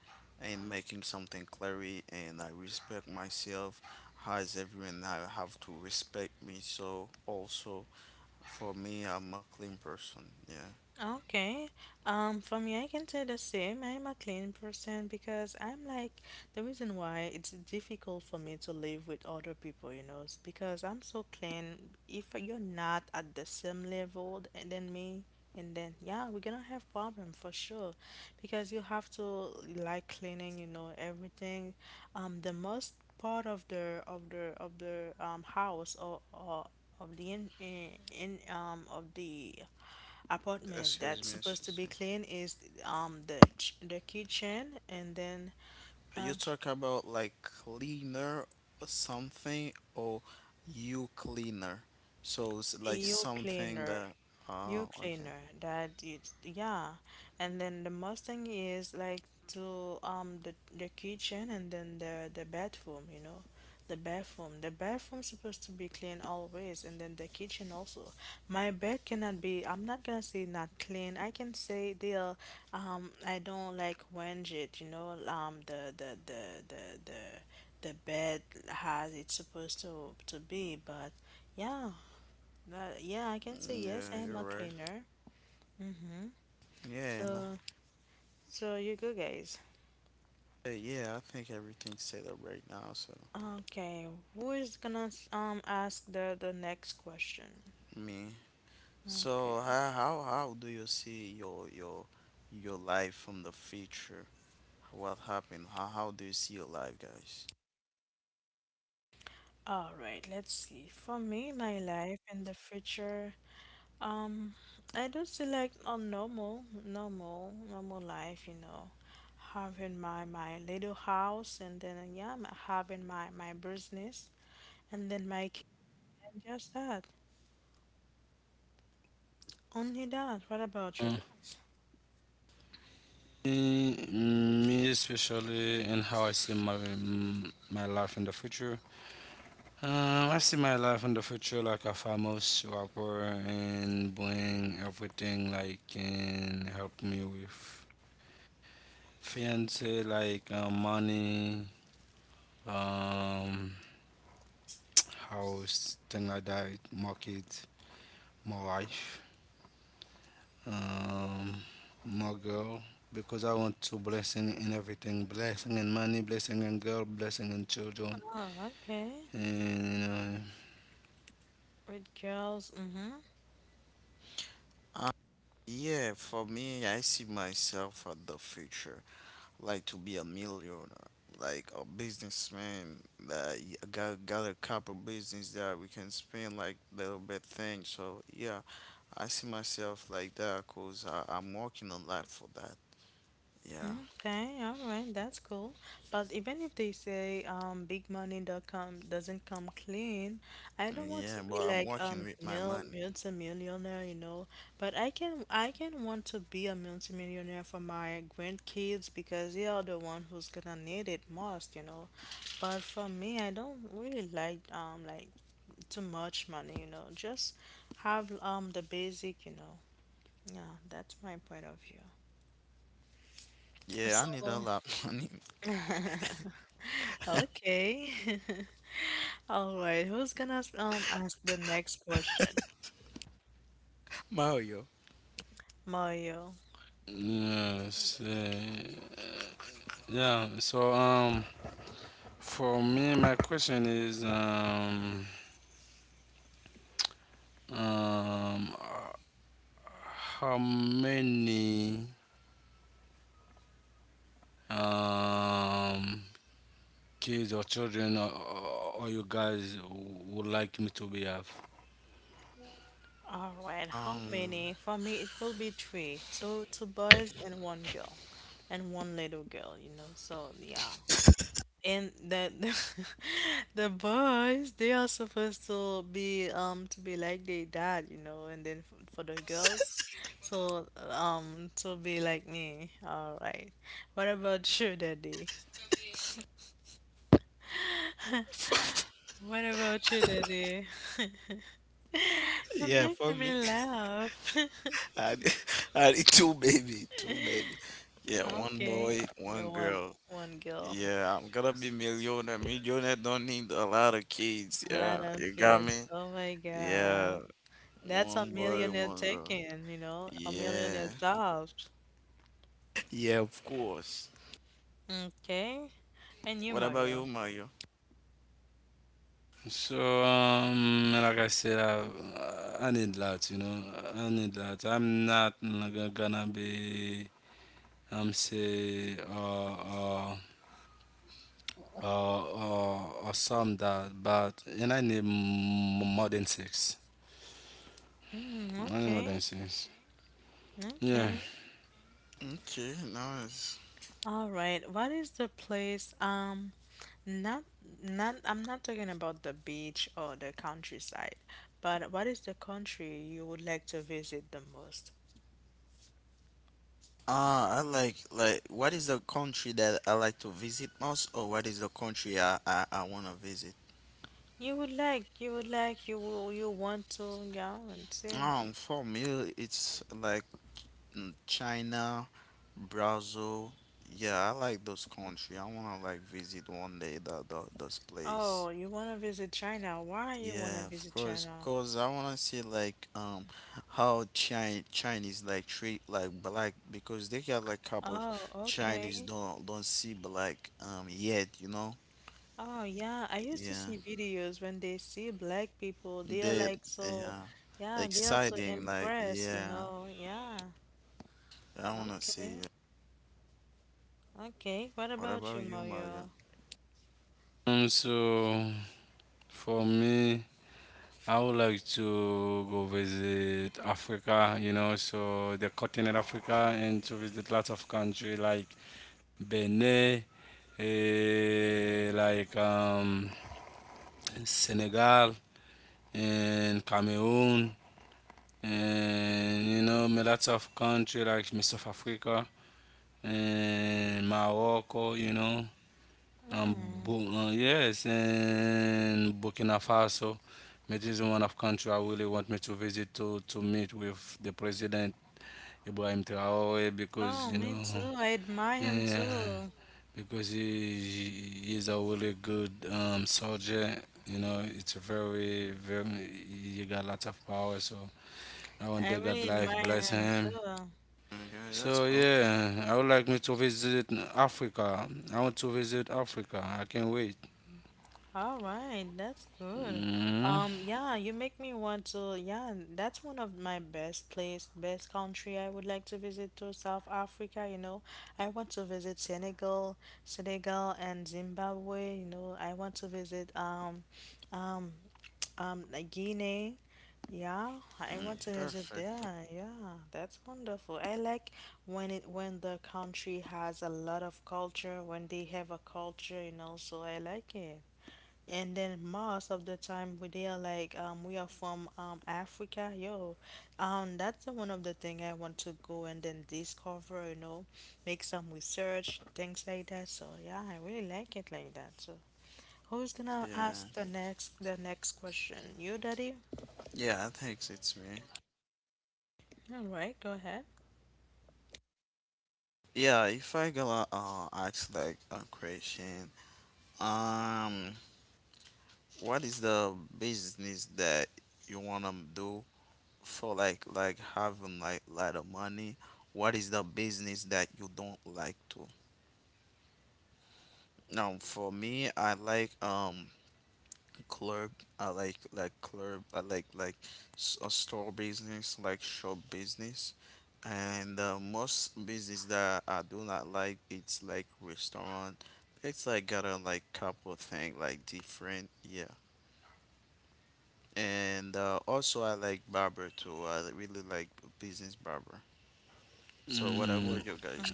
Speaker 2: and making something clearly, and I respect myself. As everyone, I have to respect me. So, also, for me, I'm a clean person. Yeah.
Speaker 1: Okay. For me, I can say the same. I'm a clean person because I'm like the reason why it's difficult for me to live with other people, you know, is because I'm so clean. If you're not at the same level than me, and then yeah, we're gonna have problem for sure, because you have to like cleaning, you know, everything. The most part of the house or of the in of the apartment
Speaker 2: Excuse
Speaker 1: that's
Speaker 2: me.
Speaker 1: supposed to
Speaker 2: Excuse
Speaker 1: be
Speaker 2: me.
Speaker 1: clean is the the kitchen and then
Speaker 2: You
Speaker 1: um.
Speaker 2: talk about like cleaner or something, or you cleaner. So, it's like
Speaker 1: You
Speaker 2: something
Speaker 1: cleaner.
Speaker 2: that. Ah,
Speaker 1: You
Speaker 2: okay.
Speaker 1: cleaner. That is, yeah. And then the Mustang is like to the kitchen and then the bathroom, you know. The bathroom. The bathroom supposed to be clean always and then the kitchen also. My bed cannot be I'm not gonna say not clean. I can say they are I don't like wenge it, you know, um the bed has it's supposed to be but yeah that, yeah, I can say
Speaker 2: Mm,
Speaker 1: yes,
Speaker 2: yeah,
Speaker 1: I am
Speaker 2: you're
Speaker 1: a
Speaker 2: right.
Speaker 1: cleaner. Hmm.
Speaker 2: Yeah, and I,
Speaker 1: So, so you go, guys.
Speaker 2: yeah, yeah, I think everything's set up right now. So,
Speaker 1: Okay, who is gonna ask the next question?
Speaker 2: me,
Speaker 1: Okay.
Speaker 2: so how do you see your life from the future? What happened? How do you see your life, guys?
Speaker 1: All right, let's see. For me, my life in the future, um, I do select a normal life, you know, having my little house and then yeah, having my business and then my kid, and just that. Only that. What
Speaker 3: Uh,
Speaker 1: about you guys?
Speaker 3: me especially, and how I see my life in the future. I see my life in the future like a famous rapper and bring everything like can help me with fiance like, money. Um, House, thing like that, market, more wife, um, more girl. Because I want to blessing in everything, blessing in money, blessing in girl, blessing in children,
Speaker 1: Ah, okay.
Speaker 3: and
Speaker 1: With girls, mm-hmm.
Speaker 2: Uh, yeah, for me, I see myself at the future. Like to be a millionaire, like a businessman that got a couple business that we can spend like little bit thing. So, yeah, I see myself like that cause I'm working a lot for that. Yeah,
Speaker 1: Okay, all right, that's cool. But even if they say big money.com doesn't come clean, I don't want to
Speaker 2: yeah, but
Speaker 1: be
Speaker 2: I'm
Speaker 1: like
Speaker 2: working with my
Speaker 1: mil
Speaker 2: money.
Speaker 1: multi-millionaire, you know. But I can want to be a multi-millionaire for my grandkids because they are the one who's gonna need it most, you know. But for me, I don't really like too much money, you know. Just have the basic, you know. Yeah, that's my point of view.
Speaker 2: Yeah, I need a
Speaker 1: So,
Speaker 2: lot of money.
Speaker 1: okay. All right, who's gonna ask the next question?
Speaker 2: Mario.
Speaker 3: uh,
Speaker 1: Mario.
Speaker 3: yes, yeah. So for me, my question is, um, how many um kids or children, or you guys would like me to be have.
Speaker 1: All right, how
Speaker 2: Um,
Speaker 1: many? For me, it will be three. Two boys and one girl, and one little girl, you know. So, yeah. And that the boys they are supposed to be like their dad, you know, and then for the girls so to be like me. All right, what about you, daddy? What about you, daddy? You're
Speaker 2: yeah, for
Speaker 1: making me
Speaker 2: me.
Speaker 1: laugh.
Speaker 2: I need, I need two baby, two baby. Yeah, one
Speaker 1: Okay,
Speaker 2: boy,
Speaker 1: you're
Speaker 2: one
Speaker 1: one
Speaker 2: girl.
Speaker 1: one girl.
Speaker 2: Yeah, I'm gonna be millionaire. Millionaire don't need a lot of kids.
Speaker 1: A lot
Speaker 2: Yeah,
Speaker 1: of
Speaker 2: you got me?
Speaker 1: kids, oh my
Speaker 2: Yeah,
Speaker 1: god. That's a
Speaker 2: one boy,
Speaker 1: millionaire
Speaker 2: one girl.
Speaker 1: taking, you know, a
Speaker 2: Yeah.
Speaker 1: millionaire doubt.
Speaker 2: Yeah, of course.
Speaker 1: Okay. And you,
Speaker 2: What about you,
Speaker 1: Mario.
Speaker 2: Mario?
Speaker 3: So, like I said, I need that, you know, I need that. I'm not gonna be, say, uh, uh, or some that, but, and I need more than six.
Speaker 1: Mm,
Speaker 3: I need more than
Speaker 1: okay.
Speaker 3: six. Yeah.
Speaker 1: Okay.
Speaker 2: Okay, nice.
Speaker 1: All right. What is the place? Not not I'm not talking about the beach or the countryside, but what is the country you would like to visit the most?
Speaker 2: Ah, I like what is the country that I like to visit most, or what is the country I wanna visit?
Speaker 1: You would like, you would like, you will, you want to, go and see.
Speaker 2: For me, it's like China, Brazil. Yeah, I like those country. I wanna like visit one day that those place.
Speaker 1: Oh, you want to visit China. Why you want to
Speaker 2: Yeah, of
Speaker 1: visit
Speaker 2: course,
Speaker 1: China?
Speaker 2: cause I wanna see like how Chinese like treat like black because they got like couple
Speaker 1: Oh,
Speaker 2: Chinese
Speaker 1: okay.
Speaker 2: don't see black yet, you know?
Speaker 1: Oh yeah, I used to
Speaker 2: Yeah,
Speaker 1: see videos when they see black people, they are
Speaker 2: they,
Speaker 1: like so,
Speaker 2: yeah,
Speaker 1: yeah, they are so
Speaker 2: exciting like
Speaker 1: impressed, you
Speaker 2: yeah.
Speaker 1: know. Yeah.
Speaker 2: I wanna see.
Speaker 1: Okay. Okay. What
Speaker 2: What
Speaker 1: about
Speaker 2: about
Speaker 1: you,
Speaker 2: you, Mario?
Speaker 1: Mario?
Speaker 3: So, for me, I would like to go visit Africa, you know, so the continent Africa, and to visit lots of country like Benin, like, Senegal and Cameroon, and you know me lots of country like South Africa and Morocco, you know. Um,
Speaker 1: Mm.
Speaker 3: Yes, and Burkina Faso. It is one of country I really want me to visit, to meet with the president Ibrahim Traore,
Speaker 1: Oh,
Speaker 3: because you
Speaker 1: me
Speaker 3: know,
Speaker 1: too. I admire him
Speaker 3: yeah,
Speaker 1: too.
Speaker 3: because he is a really good soldier. You know, it's very very, he got lots of power. So I
Speaker 1: I
Speaker 3: want the
Speaker 1: really
Speaker 3: God life
Speaker 1: admire
Speaker 3: bless
Speaker 1: him
Speaker 3: him.
Speaker 1: too.
Speaker 3: So
Speaker 2: Okay, that's cool.
Speaker 3: yeah, I would like me to visit Africa. I want to visit Africa. I can't wait.
Speaker 1: All right, that's good.
Speaker 3: Mm,
Speaker 1: Yeah, you make me want to. Yeah, that's one of my best place, best country I would like to visit to South Africa, you know. I want to visit Senegal, Senegal and Zimbabwe, you know. I want to visit um like Guinea. Yeah, I
Speaker 2: Mm,
Speaker 1: want to visit
Speaker 2: perfect.
Speaker 1: there. Yeah, that's wonderful. I like when it when the country has a lot of culture, when they have a culture, you know, so I like it. And then most of the time we they are like we are from Africa, yo. That's the one of the thing I want to go and then discover, you know, make some research, things like that. So yeah, I really like it like that. So who's gonna
Speaker 2: Yeah.
Speaker 1: ask the next question? You, Daddy?
Speaker 2: Yeah, I think it's me.
Speaker 1: All right, go ahead.
Speaker 2: Yeah, if I gonna ask like a question, um, what is the business that you wanna do for like having like lot of money? What is the business that you don't like to? Now, for me, I like club. I like club. I like a store business like shop business. And most business that I do not like, it's like restaurant. It's like got a like couple thing like different, yeah. And also I like barber too, I really like business barber. So, what about
Speaker 3: mm.
Speaker 2: you guys?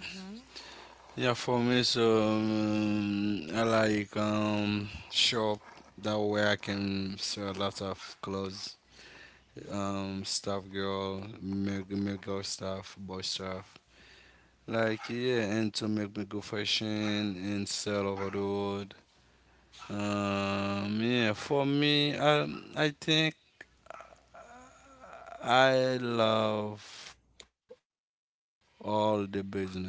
Speaker 3: Yeah, for me, so I like shop. That way I can sell a lot of clothes, stuff, girl, make girl stuff, boy stuff. Like yeah, and to make me go fashion and sell over the world. Yeah, for me, I think I love all the business, but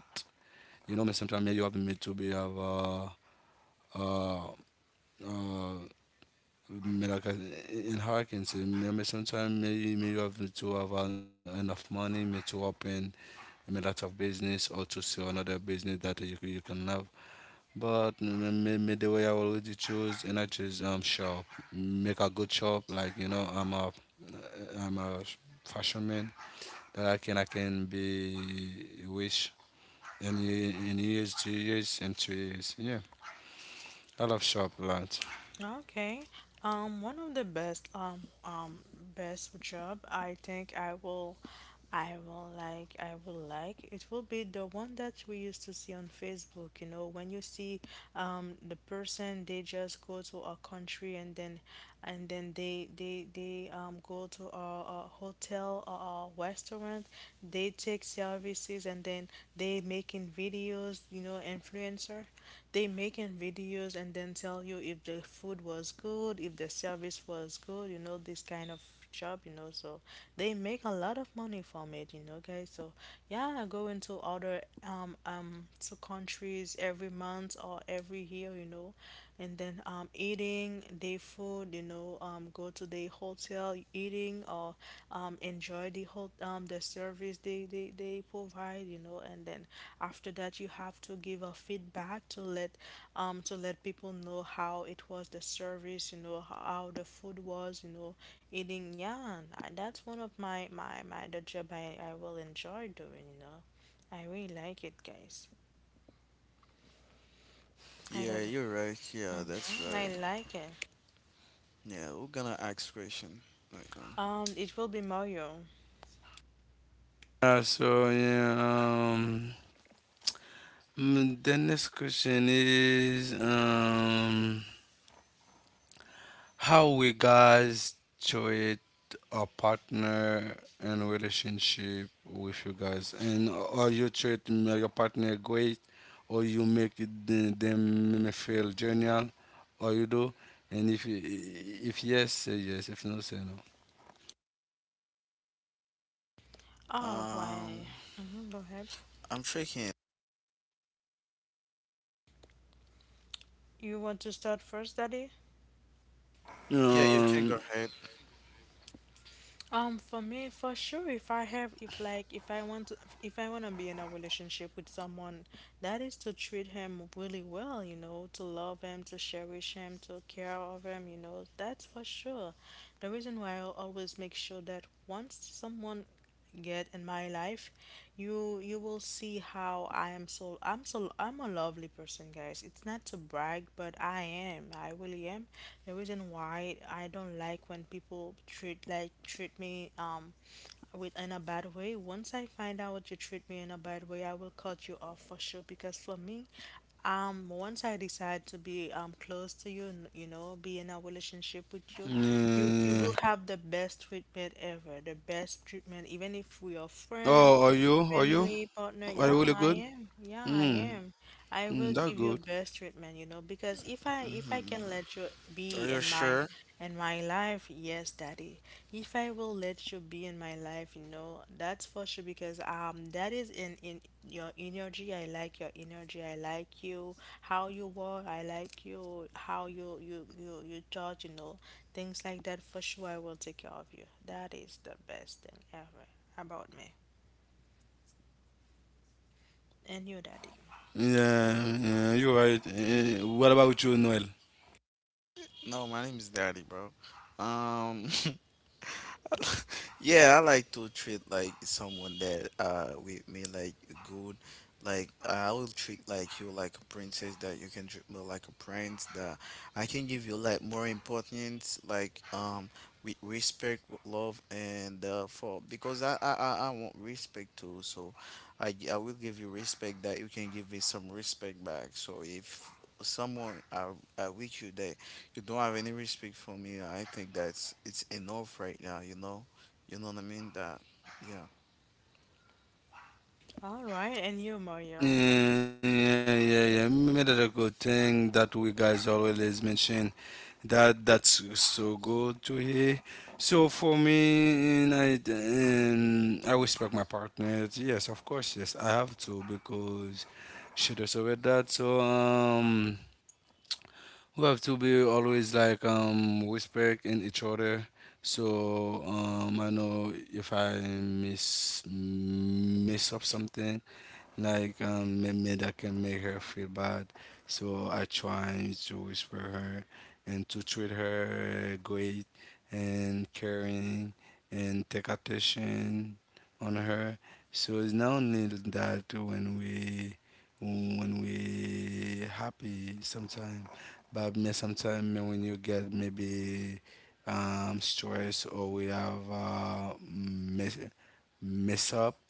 Speaker 3: you know, me sometimes me you have me to be have, uh uh me like, in hurricanes. Me sometimes me me you have to have enough money me to open me lot of business, or to see another business that you can have. But me the way I already choose, and I choose shop. Make a good shop, like you know, I'm a fashion man, that I can be wish in, in years, 2 years, and 2 years. Yeah, I love shop a lot.
Speaker 1: Okay. One of the best best job I think I will like it will be the one that we used to see on Facebook, you know, when you see the person, they just go to a country and then they go to a hotel or a restaurant, they take services, and then they making videos, you know, influencer, they making videos and then tell you if the food was good, if the service was good, you know, this kind of job, you know. So they make a lot of money from it, you know, guys. So yeah, I go into other to countries every month or every year, you know, and then eating day food, you know, go to the hotel eating or enjoy the whole the service they provide, you know, and then after that you have to give a feedback to let people know how it was the service, you know, how, the food was, you know, eating. Yeah, and that's one of my the job I will enjoy doing, you know. I really like it, guys. I
Speaker 2: Yeah,
Speaker 1: like,
Speaker 2: you're right. Yeah, that's
Speaker 1: hmm,
Speaker 2: right.
Speaker 1: I like it.
Speaker 2: Yeah, we're gonna ask question right now.
Speaker 1: It will be Mario.
Speaker 3: So yeah, mm, the next question is, how we guys treat a partner and relationship with you guys, and or you treat your partner great, or you make it them feel genial, or you do, and if if yes, say yes, if no, say
Speaker 1: All
Speaker 2: um
Speaker 1: right. Mm-hmm, go ahead.
Speaker 2: I'm thinking.
Speaker 1: You want to start first, Daddy?
Speaker 3: no.
Speaker 2: Yeah, you can go ahead.
Speaker 1: For me, for sure, if I have, if like, if I want to, if I want to be in a relationship with someone, that is to treat him really well, you know, to love him, to cherish him, to care of him, you know, that's for sure. The reason why I always make sure that once someone get in my life, you will see how I am. So I'm a lovely person, guys. It's not to brag, but I am. I really am. The reason why I don't like when people treat me with in a bad way, once I find out you treat me in a bad way, I will cut you off for sure, because for me, once I decide to be close to you and, you know, be in a relationship with you, you
Speaker 3: Mm.
Speaker 1: will have the best treatment ever, the best treatment even if we are friends.
Speaker 3: Oh, are you? Are you?
Speaker 1: Family partner,
Speaker 3: Are
Speaker 1: yeah,
Speaker 3: you really
Speaker 1: I
Speaker 3: good?
Speaker 1: am. Yeah, I
Speaker 3: Mm.
Speaker 1: am. I will
Speaker 3: Mm, that
Speaker 1: give you
Speaker 3: good.
Speaker 1: best treatment, you know, because if I can
Speaker 2: Mhm.
Speaker 1: let you be
Speaker 2: Are you sure?
Speaker 1: in my life, yes, daddy. If I will let you be in my life, you know, that's for sure because that is in your energy. I like your energy. I like you, how you were. I like you, how you talk, you know, things like that. For sure, I will take care of you. That is the best thing ever about me and your daddy.
Speaker 3: Yeah, yeah, you're right. What about you, Noel?
Speaker 2: No, my name is Daddy, bro. Um, Yeah, I like to treat like someone that with me like good. Like I will treat like you like a princess that you can treat me like a prince, that I can give you like more importance like with respect, with love. And for because I want respect too. So, I I will give you respect that you can give me some respect back. So, if someone are with you that you don't have any respect for me, I think that's it's enough right now. You know what I mean? That, yeah.
Speaker 1: All right, and you, Mario.
Speaker 3: Yeah, yeah, yeah. Yeah. Maybe that's a good thing that we guys always mention. That's so good to hear. So for me, and I respect my partner. Yes, of course, yes, I have to because she deserved that. We have to be always like respect in each other. So I know if I miss up something, like maybe that can make her feel bad. So I try to whisper her and to treat her great and caring and take attention on her. So it's not only that when we happy sometimes, but me sometimes when you get maybe stress or we have mess, mess up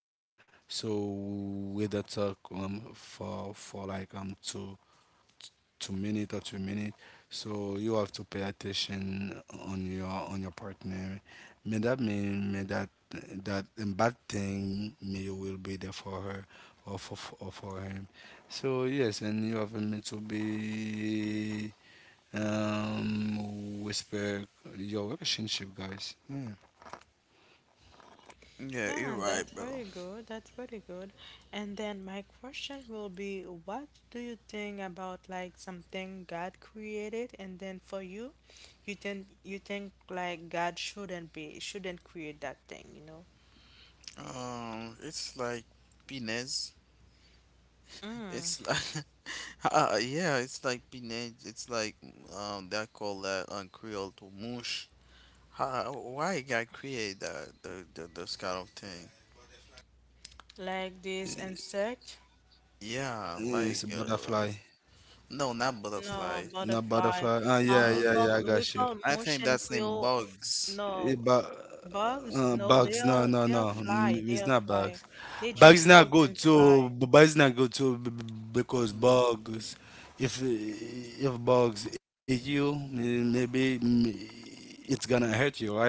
Speaker 3: so with the talk for like 2 two minute or 2 minute. So you have to pay attention on your partner. May that mean may that that a bad thing may you will be there for her or for him. So yes, and you have need to be whisper your relationship, guys. Yeah.
Speaker 2: Yeah,
Speaker 1: Yeah,
Speaker 2: you're right,
Speaker 1: that's
Speaker 2: bro.
Speaker 1: very good. That's very good. And then my question will be, what do you think about like something God created, and then for you, you think like God shouldn't create that thing, you know?
Speaker 2: It's like Pinez.
Speaker 1: Mm.
Speaker 2: It's like, yeah, it's like Pinez. It's like they call that on Creole to mush. How, why God create that the this kind of thing?
Speaker 1: Like this insect?
Speaker 2: Yeah,
Speaker 3: It's
Speaker 2: like
Speaker 3: a butterfly,
Speaker 2: no, not butterfly.
Speaker 1: No,
Speaker 3: not
Speaker 1: butterfly.
Speaker 3: butterfly. Ah, yeah,
Speaker 1: We
Speaker 2: No,
Speaker 3: yeah, yeah. I
Speaker 1: call
Speaker 3: got you.
Speaker 2: I think
Speaker 1: motion
Speaker 2: that's named
Speaker 1: quill.
Speaker 2: bugs.
Speaker 1: No,
Speaker 3: But
Speaker 1: bugs. No, they
Speaker 3: bugs,
Speaker 1: are fly. They
Speaker 3: it's
Speaker 1: are
Speaker 3: not
Speaker 1: fly.
Speaker 3: bugs.
Speaker 1: They
Speaker 3: Bugs
Speaker 1: just
Speaker 3: not
Speaker 1: call
Speaker 3: good
Speaker 1: them fly.
Speaker 3: too. Bugs not good too because bugs, if if bugs eat you, maybe it's gonna hurt you, right?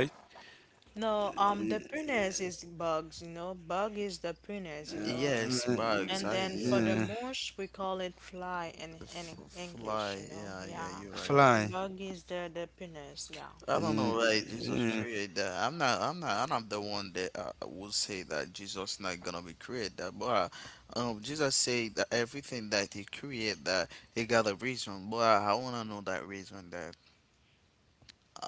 Speaker 1: No, the pruners is bugs, you know. Bug is the pruners, you know.
Speaker 2: Yes, bugs.
Speaker 1: And
Speaker 2: I
Speaker 1: then
Speaker 2: yeah,
Speaker 1: for the
Speaker 3: Uh,
Speaker 1: mouse, we call it fly
Speaker 2: F
Speaker 1: in English, you
Speaker 2: fly.
Speaker 1: know.
Speaker 2: Yeah, yeah,
Speaker 1: Yeah.
Speaker 2: you're right.
Speaker 1: A
Speaker 3: fly.
Speaker 1: bug is the pruners, yeah.
Speaker 2: I don't
Speaker 3: Uh,
Speaker 2: know why Jesus
Speaker 3: uh,
Speaker 2: created that. I'm not. I'm not. I'm not the one that would say that Jesus not gonna be created that. But Jesus said that everything that he created that he got a reason. But I wanna know that reason. That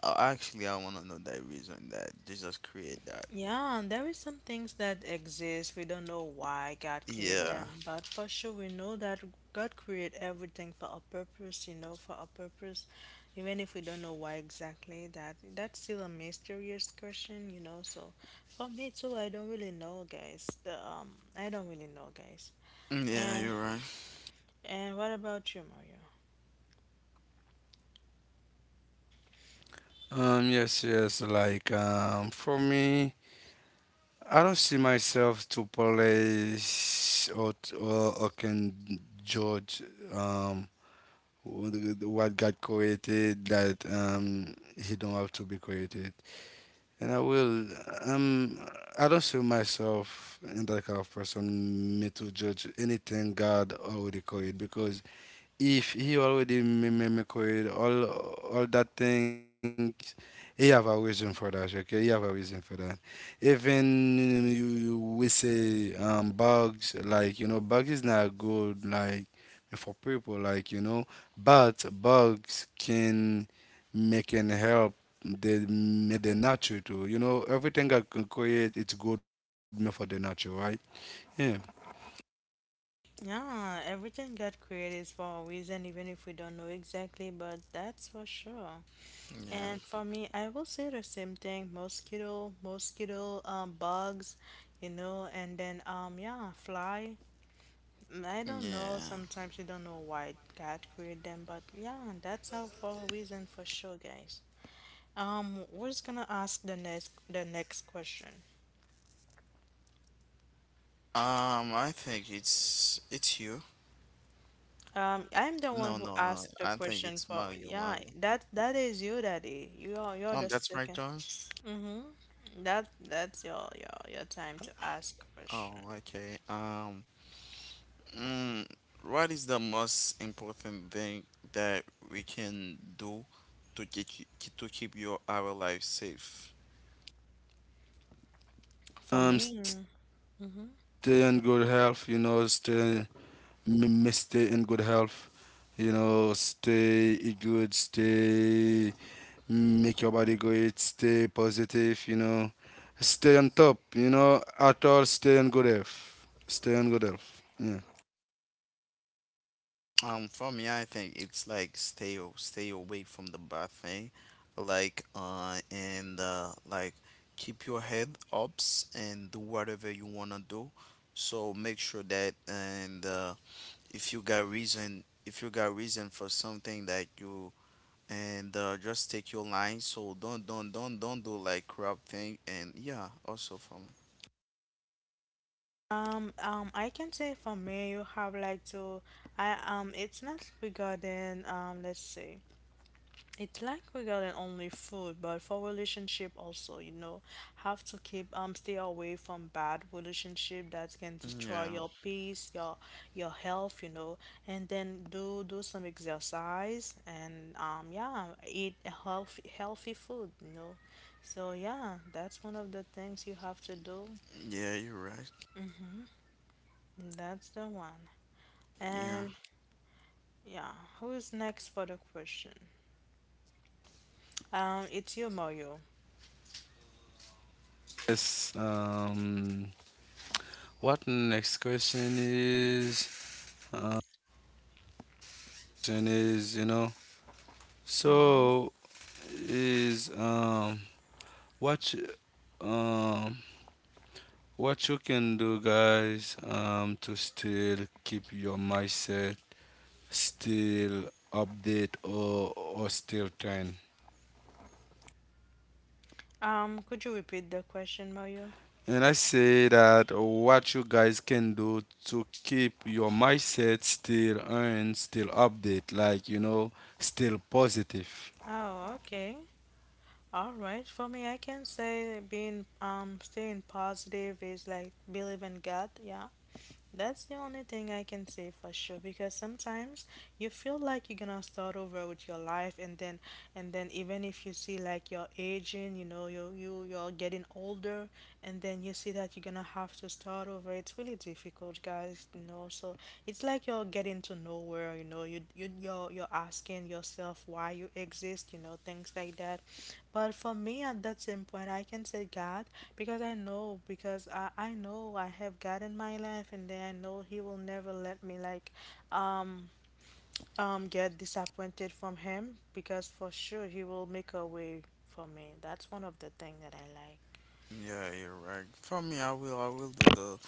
Speaker 2: actually I wanna know that reason that Jesus created that.
Speaker 1: Yeah, and there is some things that exist. We don't know why God created
Speaker 2: Yeah.
Speaker 1: them, but for sure we know that God created everything for a purpose, you know, for a purpose. Even if we don't know why exactly, that that's still a mysterious question, you know. So for me too, I don't really know, guys. The, um, I don't really know, guys.
Speaker 2: Yeah,
Speaker 1: And
Speaker 2: you're right.
Speaker 1: what about you, Mario?
Speaker 3: yes, yes. Like for me. I don't see myself to police or or can judge um what what God created that he don't have to be created. And I will um I don't see myself in that kind of person me to judge anything God already created because if he already mimicked all that things, he have a reason for that. Okay, he have a reason for that. Even you, you we say bugs like you know bugs is not good like for people like you know, but bugs can make and help the the nature too. You know everything I can create it's good for the nature, right? Yeah,
Speaker 1: Yeah, everything God created is for a reason, even if we don't know exactly, but that's for sure.
Speaker 2: Yeah.
Speaker 1: And for me, I will say the same thing. Mosquito, bugs, you know, and then yeah, fly. Mm, I don't know.
Speaker 2: Yeah.
Speaker 1: Sometimes you don't know why God created them, but yeah, that's all for a reason for sure, guys. We're just gonna ask the next question.
Speaker 2: I think it's you.
Speaker 1: I'm the one
Speaker 2: No,
Speaker 1: who
Speaker 2: no, no.
Speaker 1: asked the
Speaker 2: I think
Speaker 1: question
Speaker 2: it's
Speaker 1: for,
Speaker 2: Mario.
Speaker 1: yeah.
Speaker 2: Mario.
Speaker 1: That that is you, Daddy. You're the
Speaker 2: That's my
Speaker 1: second.
Speaker 2: turn.
Speaker 1: Mm-hmm. That that's your time to ask question.
Speaker 2: Oh, okay. Mm, what is the most important thing that we can do to keep to keep your our life safe?
Speaker 1: For me.
Speaker 3: stay in good health, you know, m- stay in good health, you know, stay eat good, stay make your body great, stay positive, you know, stay on top, you know, at all, stay on good health, stay on good health, yeah.
Speaker 2: For me, I think it's like stay away from the bad thing, like and like keep your head ups and do whatever you wanna do. So make sure that and if you got reason for something that you and just take your line. So don't do like crap thing. And yeah, also for
Speaker 1: I can say for me, you have like to, I it's not regarding let's say, it's like regarding only food, but for relationship also, you know, have to keep stay away from bad relationship that can
Speaker 2: me.
Speaker 1: destroy
Speaker 2: Yeah,
Speaker 1: your peace, your health, you know, and then do some exercise and yeah, eat healthy food, you know, so yeah, that's one of the things you have to do.
Speaker 2: yeah, you're right.
Speaker 1: That's the one.
Speaker 2: Yeah,
Speaker 1: And yeah, who's next for the question? It's you, Mario.
Speaker 3: Yes, what next uh, question is, you know, so is, what, um, what you can do, guys, to still keep your mindset still update or still trend.
Speaker 1: Could you repeat the question, Mario?
Speaker 3: And I say that what you guys can do to keep your mindset still and still update, like you know, still positive.
Speaker 1: Oh, okay. All right. For me, I can say being staying positive is like believe in God. Yeah. That's the only thing I can say for sure because sometimes you feel like you're gonna start over with your life, and then even if you see like you're aging, you know, you you're getting older, and then you see that you're gonna have to start over, it's really difficult, guys, you know. So it's like you're getting to nowhere, you know, you're you're asking yourself why you exist, you know, things like that. But for me at that same point, I can say God, because I know, because I know I have God in my life, and then I know he will never let me like um get disappointed from him because for sure he will make a way for me. That's one of the things that I like.
Speaker 2: yeah, you're right. For me, I will do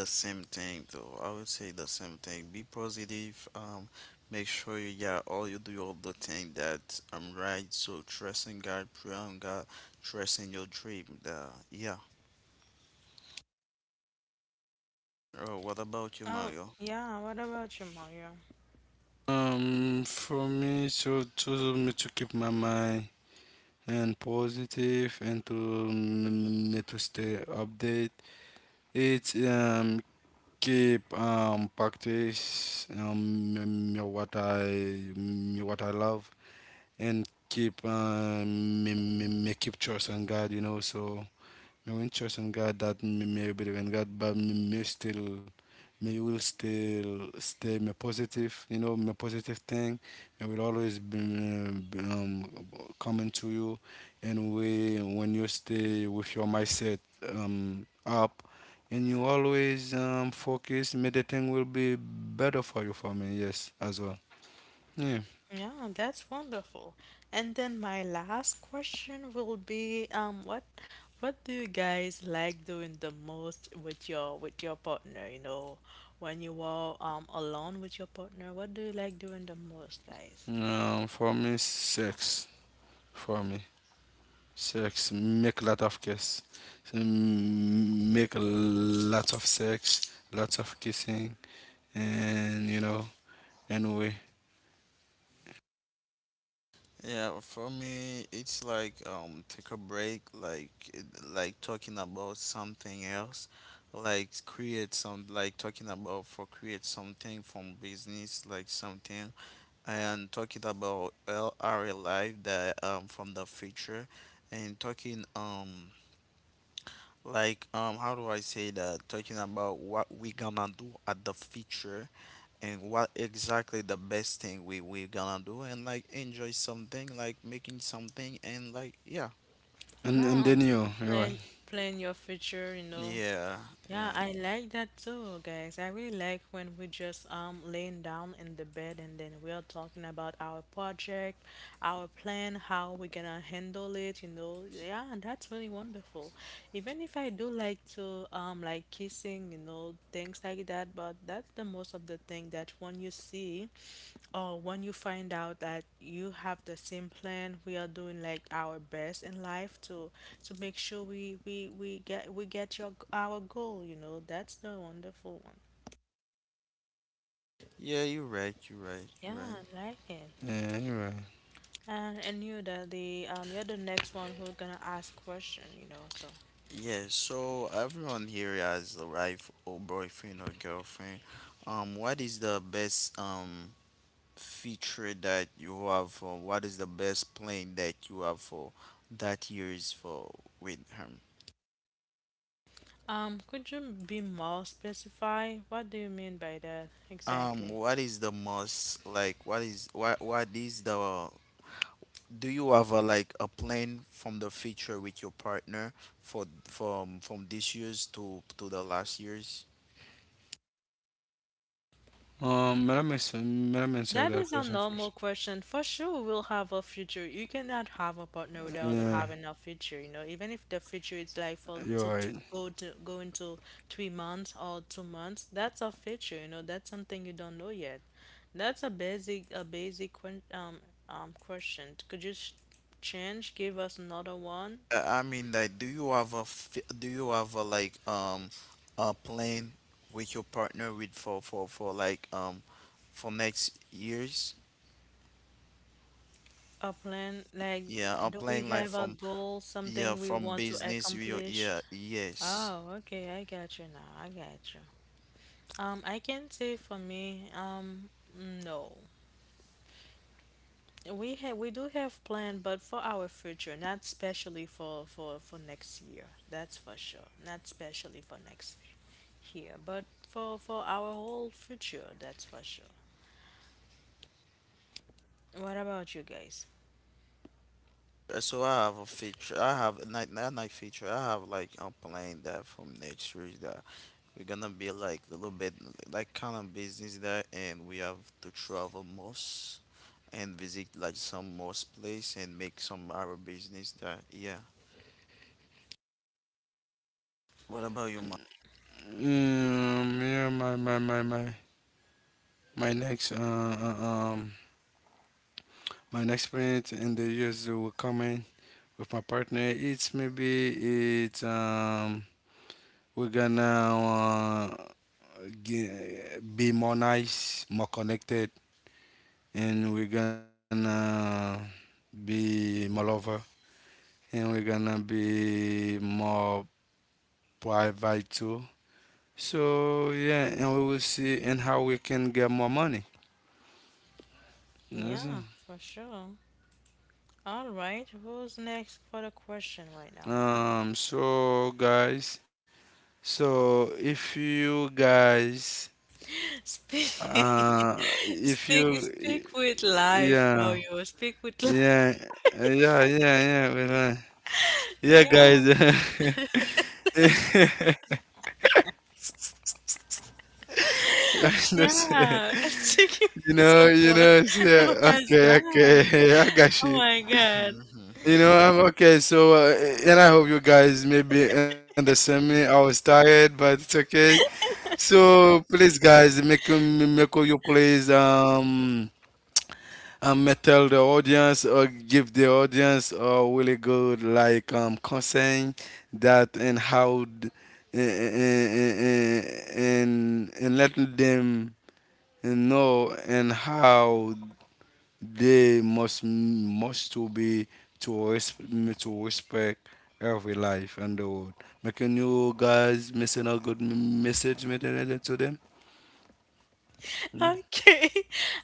Speaker 2: the same thing though. I will say the same thing. Be positive. Make sure you yeah, all you do all the thing that I'm right. So trust in God, pray on God, trust in your dream. The yeah. Oh, what about you,
Speaker 1: Oh,
Speaker 2: Mario?
Speaker 1: yeah, what about you, Mario?
Speaker 3: For me to me to keep my mind and positive and to me to stay update. It's keep practice me, me what I love and keep me, keep trust on God, you know. So now, when trust in God that me, me believe in God, but me, me still, me will still stay me positive, you know, me positive thing. Me will always be, coming to you, and we when you stay with your mindset up, and you always focus, meditating will be better for you for me. Yes, as well. Yeah.
Speaker 1: Yeah, that's wonderful. And then my last question will be what do you guys like doing the most with your partner, you know, when you are alone with your partner, what do you like doing the most, guys?
Speaker 3: For me, sex for me. Sex, make a lot of kiss, so, make a lot of sex, lots of kissing, and you know, anyway,
Speaker 2: Yeah, for me, it's like take a break, like talking about something else, like create some like talking about for create something from business, like something, and talking about well, our life that from the future, and talking like, how do I say that? Talking about what we gonna do at the future and what exactly the best thing we gonna do and like enjoy something, like making something and like yeah.
Speaker 3: and
Speaker 1: Yeah,
Speaker 3: then you, you're right,
Speaker 1: plan plan your future, you know.
Speaker 2: Yeah,
Speaker 1: Yeah,
Speaker 2: yeah.
Speaker 1: I like that too, guys. I really like when we just laying down in the bed and then we are talking about our project, our plan, how we're gonna handle it, you know. Yeah, that's really wonderful. Even if I do like to kissing, you know, things like that. But that's the most of the thing that when you see or when you find out that you have the same plan, we are doing like our best in life to make sure we get your our goal. You know, that's the wonderful one.
Speaker 2: Yeah, you're right, you're right,
Speaker 1: Yeah,
Speaker 2: you're right.
Speaker 1: I like it.
Speaker 3: yeah, you're right.
Speaker 1: And you that the you're the next one who's gonna ask question, you know, so
Speaker 2: Yeah, so everyone here has a wife or boyfriend or girlfriend. What is the best feature that you have for what is the best plane that you have for that years for with him
Speaker 1: could you be more specify? What do you mean by that exactly?
Speaker 2: what is the most like what is the do you have a like a plan from the feature with your partner for from this year's to the last year's.
Speaker 3: Let me answer
Speaker 1: That
Speaker 3: that
Speaker 1: is a
Speaker 3: question
Speaker 1: normal
Speaker 3: first.
Speaker 1: question. For sure, we'll have a future. You cannot have a partner without
Speaker 3: Yeah,
Speaker 1: having a future, you know, even if the future is like
Speaker 3: you're
Speaker 1: for
Speaker 3: right.
Speaker 1: to go into 3 months or 2 months, that's a future, you know, that's something you don't know yet. That's a basic question. Could you sh change, give us another one?
Speaker 2: I mean like do you have a like a plan with your partner with for like for next years.
Speaker 1: A plan, like,
Speaker 2: Yeah, I'm
Speaker 1: do we
Speaker 2: playing
Speaker 1: have
Speaker 2: like
Speaker 1: a
Speaker 2: from
Speaker 1: goal, something
Speaker 2: yeah
Speaker 1: we
Speaker 2: from
Speaker 1: want to
Speaker 2: business. You
Speaker 1: accomplish?
Speaker 2: yeah yes.
Speaker 1: Oh, okay, I got you now. I got you. I can say for me, no. We have we do have plan, but for our future, not especially for for next year. That's for sure. Not especially for next year, but for our whole future. That's for sure. What about you guys?
Speaker 2: So I have a feature. I have a night feature. I have like I'm playing that from next week. That we're gonna be like a little bit like kind of business there, and we have to travel most and visit like some most place and make some our business there. Yeah. What about you, Ma?
Speaker 3: Yeah, my next uh, uh, um my next point in the years that will come in with my partner. It's we're gonna be more nice, more connected, and we're gonna be more lover, and we're gonna be more private too. So yeah, and we will see and how we can get more money. That's it.
Speaker 1: Yeah, for sure. All right, who's next for the question right now?
Speaker 3: So guys, so if you guys,
Speaker 1: Speak,
Speaker 3: if
Speaker 1: speak,
Speaker 3: you,
Speaker 1: speak with life,
Speaker 3: yeah,
Speaker 1: Mario. Speak with life.
Speaker 3: yeah, yeah, yeah, yeah, well, uh, yeah,
Speaker 1: Yeah,
Speaker 3: guys. I understand.
Speaker 1: yeah, it's taking
Speaker 3: You know, you
Speaker 1: someone
Speaker 3: know. So,
Speaker 1: who
Speaker 3: yeah,
Speaker 1: has
Speaker 3: okay,
Speaker 1: life.
Speaker 3: okay. I got
Speaker 1: Oh
Speaker 3: you.
Speaker 1: my
Speaker 2: Mhm,
Speaker 1: God.
Speaker 2: mhm, mhm.
Speaker 3: You know, I'm okay. So, and I hope you guys maybe understand me. I was tired, but it's okay. So, please, guys, make you please tell the audience or give the audience a really good like concern that and and and letting them know and how they must to be to respect to respect every life and the world. Making you guys missing a good message making it to them.
Speaker 1: Okay.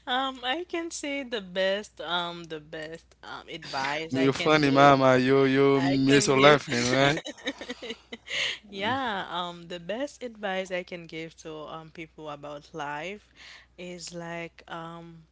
Speaker 1: I can say the best, advice I
Speaker 3: You
Speaker 1: can
Speaker 3: funny
Speaker 1: give.
Speaker 3: mama, you
Speaker 1: I
Speaker 3: miss
Speaker 1: can
Speaker 3: your
Speaker 1: give.
Speaker 3: laughing, right?
Speaker 1: Yeah, the best advice I can give to people about life is like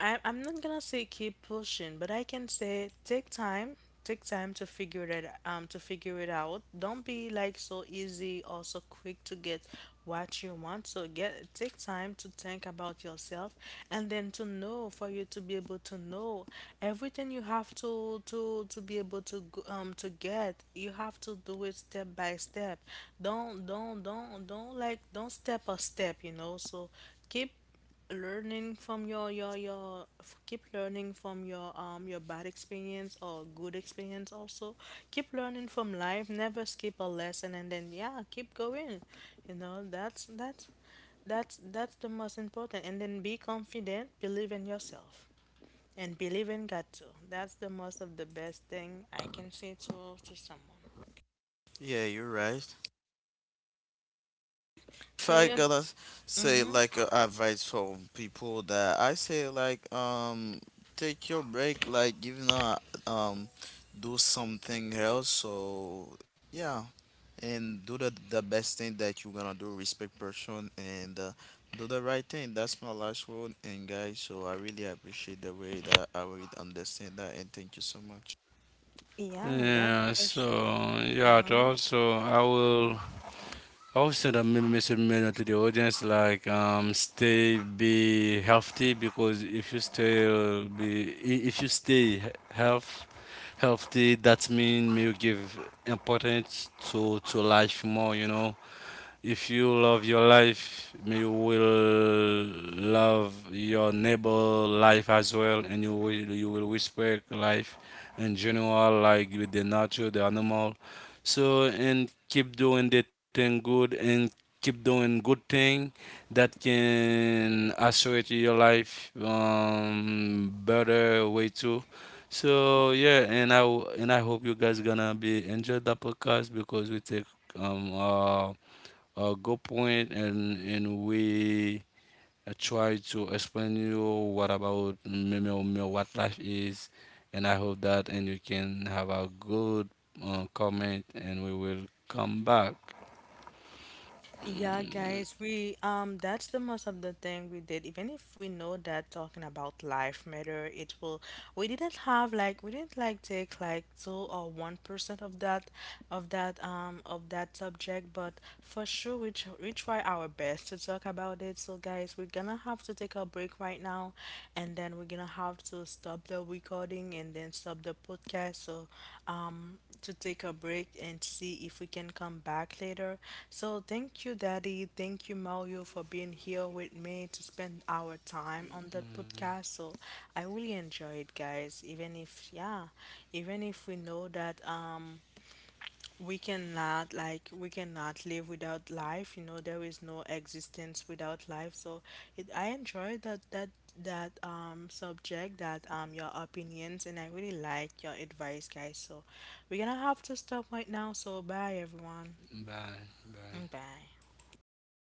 Speaker 1: I'm not gonna say keep pushing, but I can say take time to figure that to figure it out. Don't be like so easy or so quick to get what you want. So get take time to think about yourself and then to know for you to be able to know everything you have to be able to to get. You have to do it step by step. Don't step a step, you know. So keep learning from keep learning from your bad experience or good experience. Also keep learning from life, never skip a lesson, and then yeah, keep going, you know. That's the most important, and then be confident, believe in yourself and believe in God too. That's the most of the best thing I can say to someone.
Speaker 2: Yeah, you're right. If
Speaker 1: So
Speaker 2: I
Speaker 1: yeah,
Speaker 2: gotta s- say
Speaker 1: mm-hmm.
Speaker 2: like advice for people that I say like take your break like you know um do something else so yeah and do the best thing that you're gonna do respect person and do the right thing. That's my last word and guys, so I really appreciate the way that I would understand that, and thank you so much.
Speaker 1: Yeah, that's
Speaker 3: Yeah,
Speaker 1: for sure.
Speaker 3: so yeah, to
Speaker 1: Mm-hmm.
Speaker 3: also I will also will send a message mail to the audience like stay be healthy because if you if you stay he- health healthy that means you give importance to life more, you know, if you love your life, you will love your neighbor life as well, and you will respect life in general, like with the nature, the animal. So and keep doing the thing good and keep doing good thing that can assure to your life better way too. So yeah, and I hope you guys gonna be enjoy the podcast because we take um uh a good point, and we try to explain you what about what life is, and I hope that and you can have a good comment, and we will come back.
Speaker 1: Yeah,
Speaker 3: Mm.
Speaker 1: guys, we um, that's the most of the thing we did. Even if we know that talking about life matter, it will we didn't like take like 2 or 1% of that of that subject, but for sure we try our best to talk about it. So guys, we're gonna have to take a break right now, and then we're gonna have to stop the recording and then stop the podcast. So, um, to take a break and see if we can come back later. So, thank you, Daddy. Thank you, Mario, for being here with me to spend our time on that podcast. So, I really enjoy it, guys. Even if, yeah, even if we know that, we cannot like we cannot live without life, you know, there is no existence without life. So it, I enjoy that that subject, that um, your opinions, and I really like your advice, guys. So we're gonna have to stop right now, so bye everyone,
Speaker 3: Bye. Bye.
Speaker 1: bye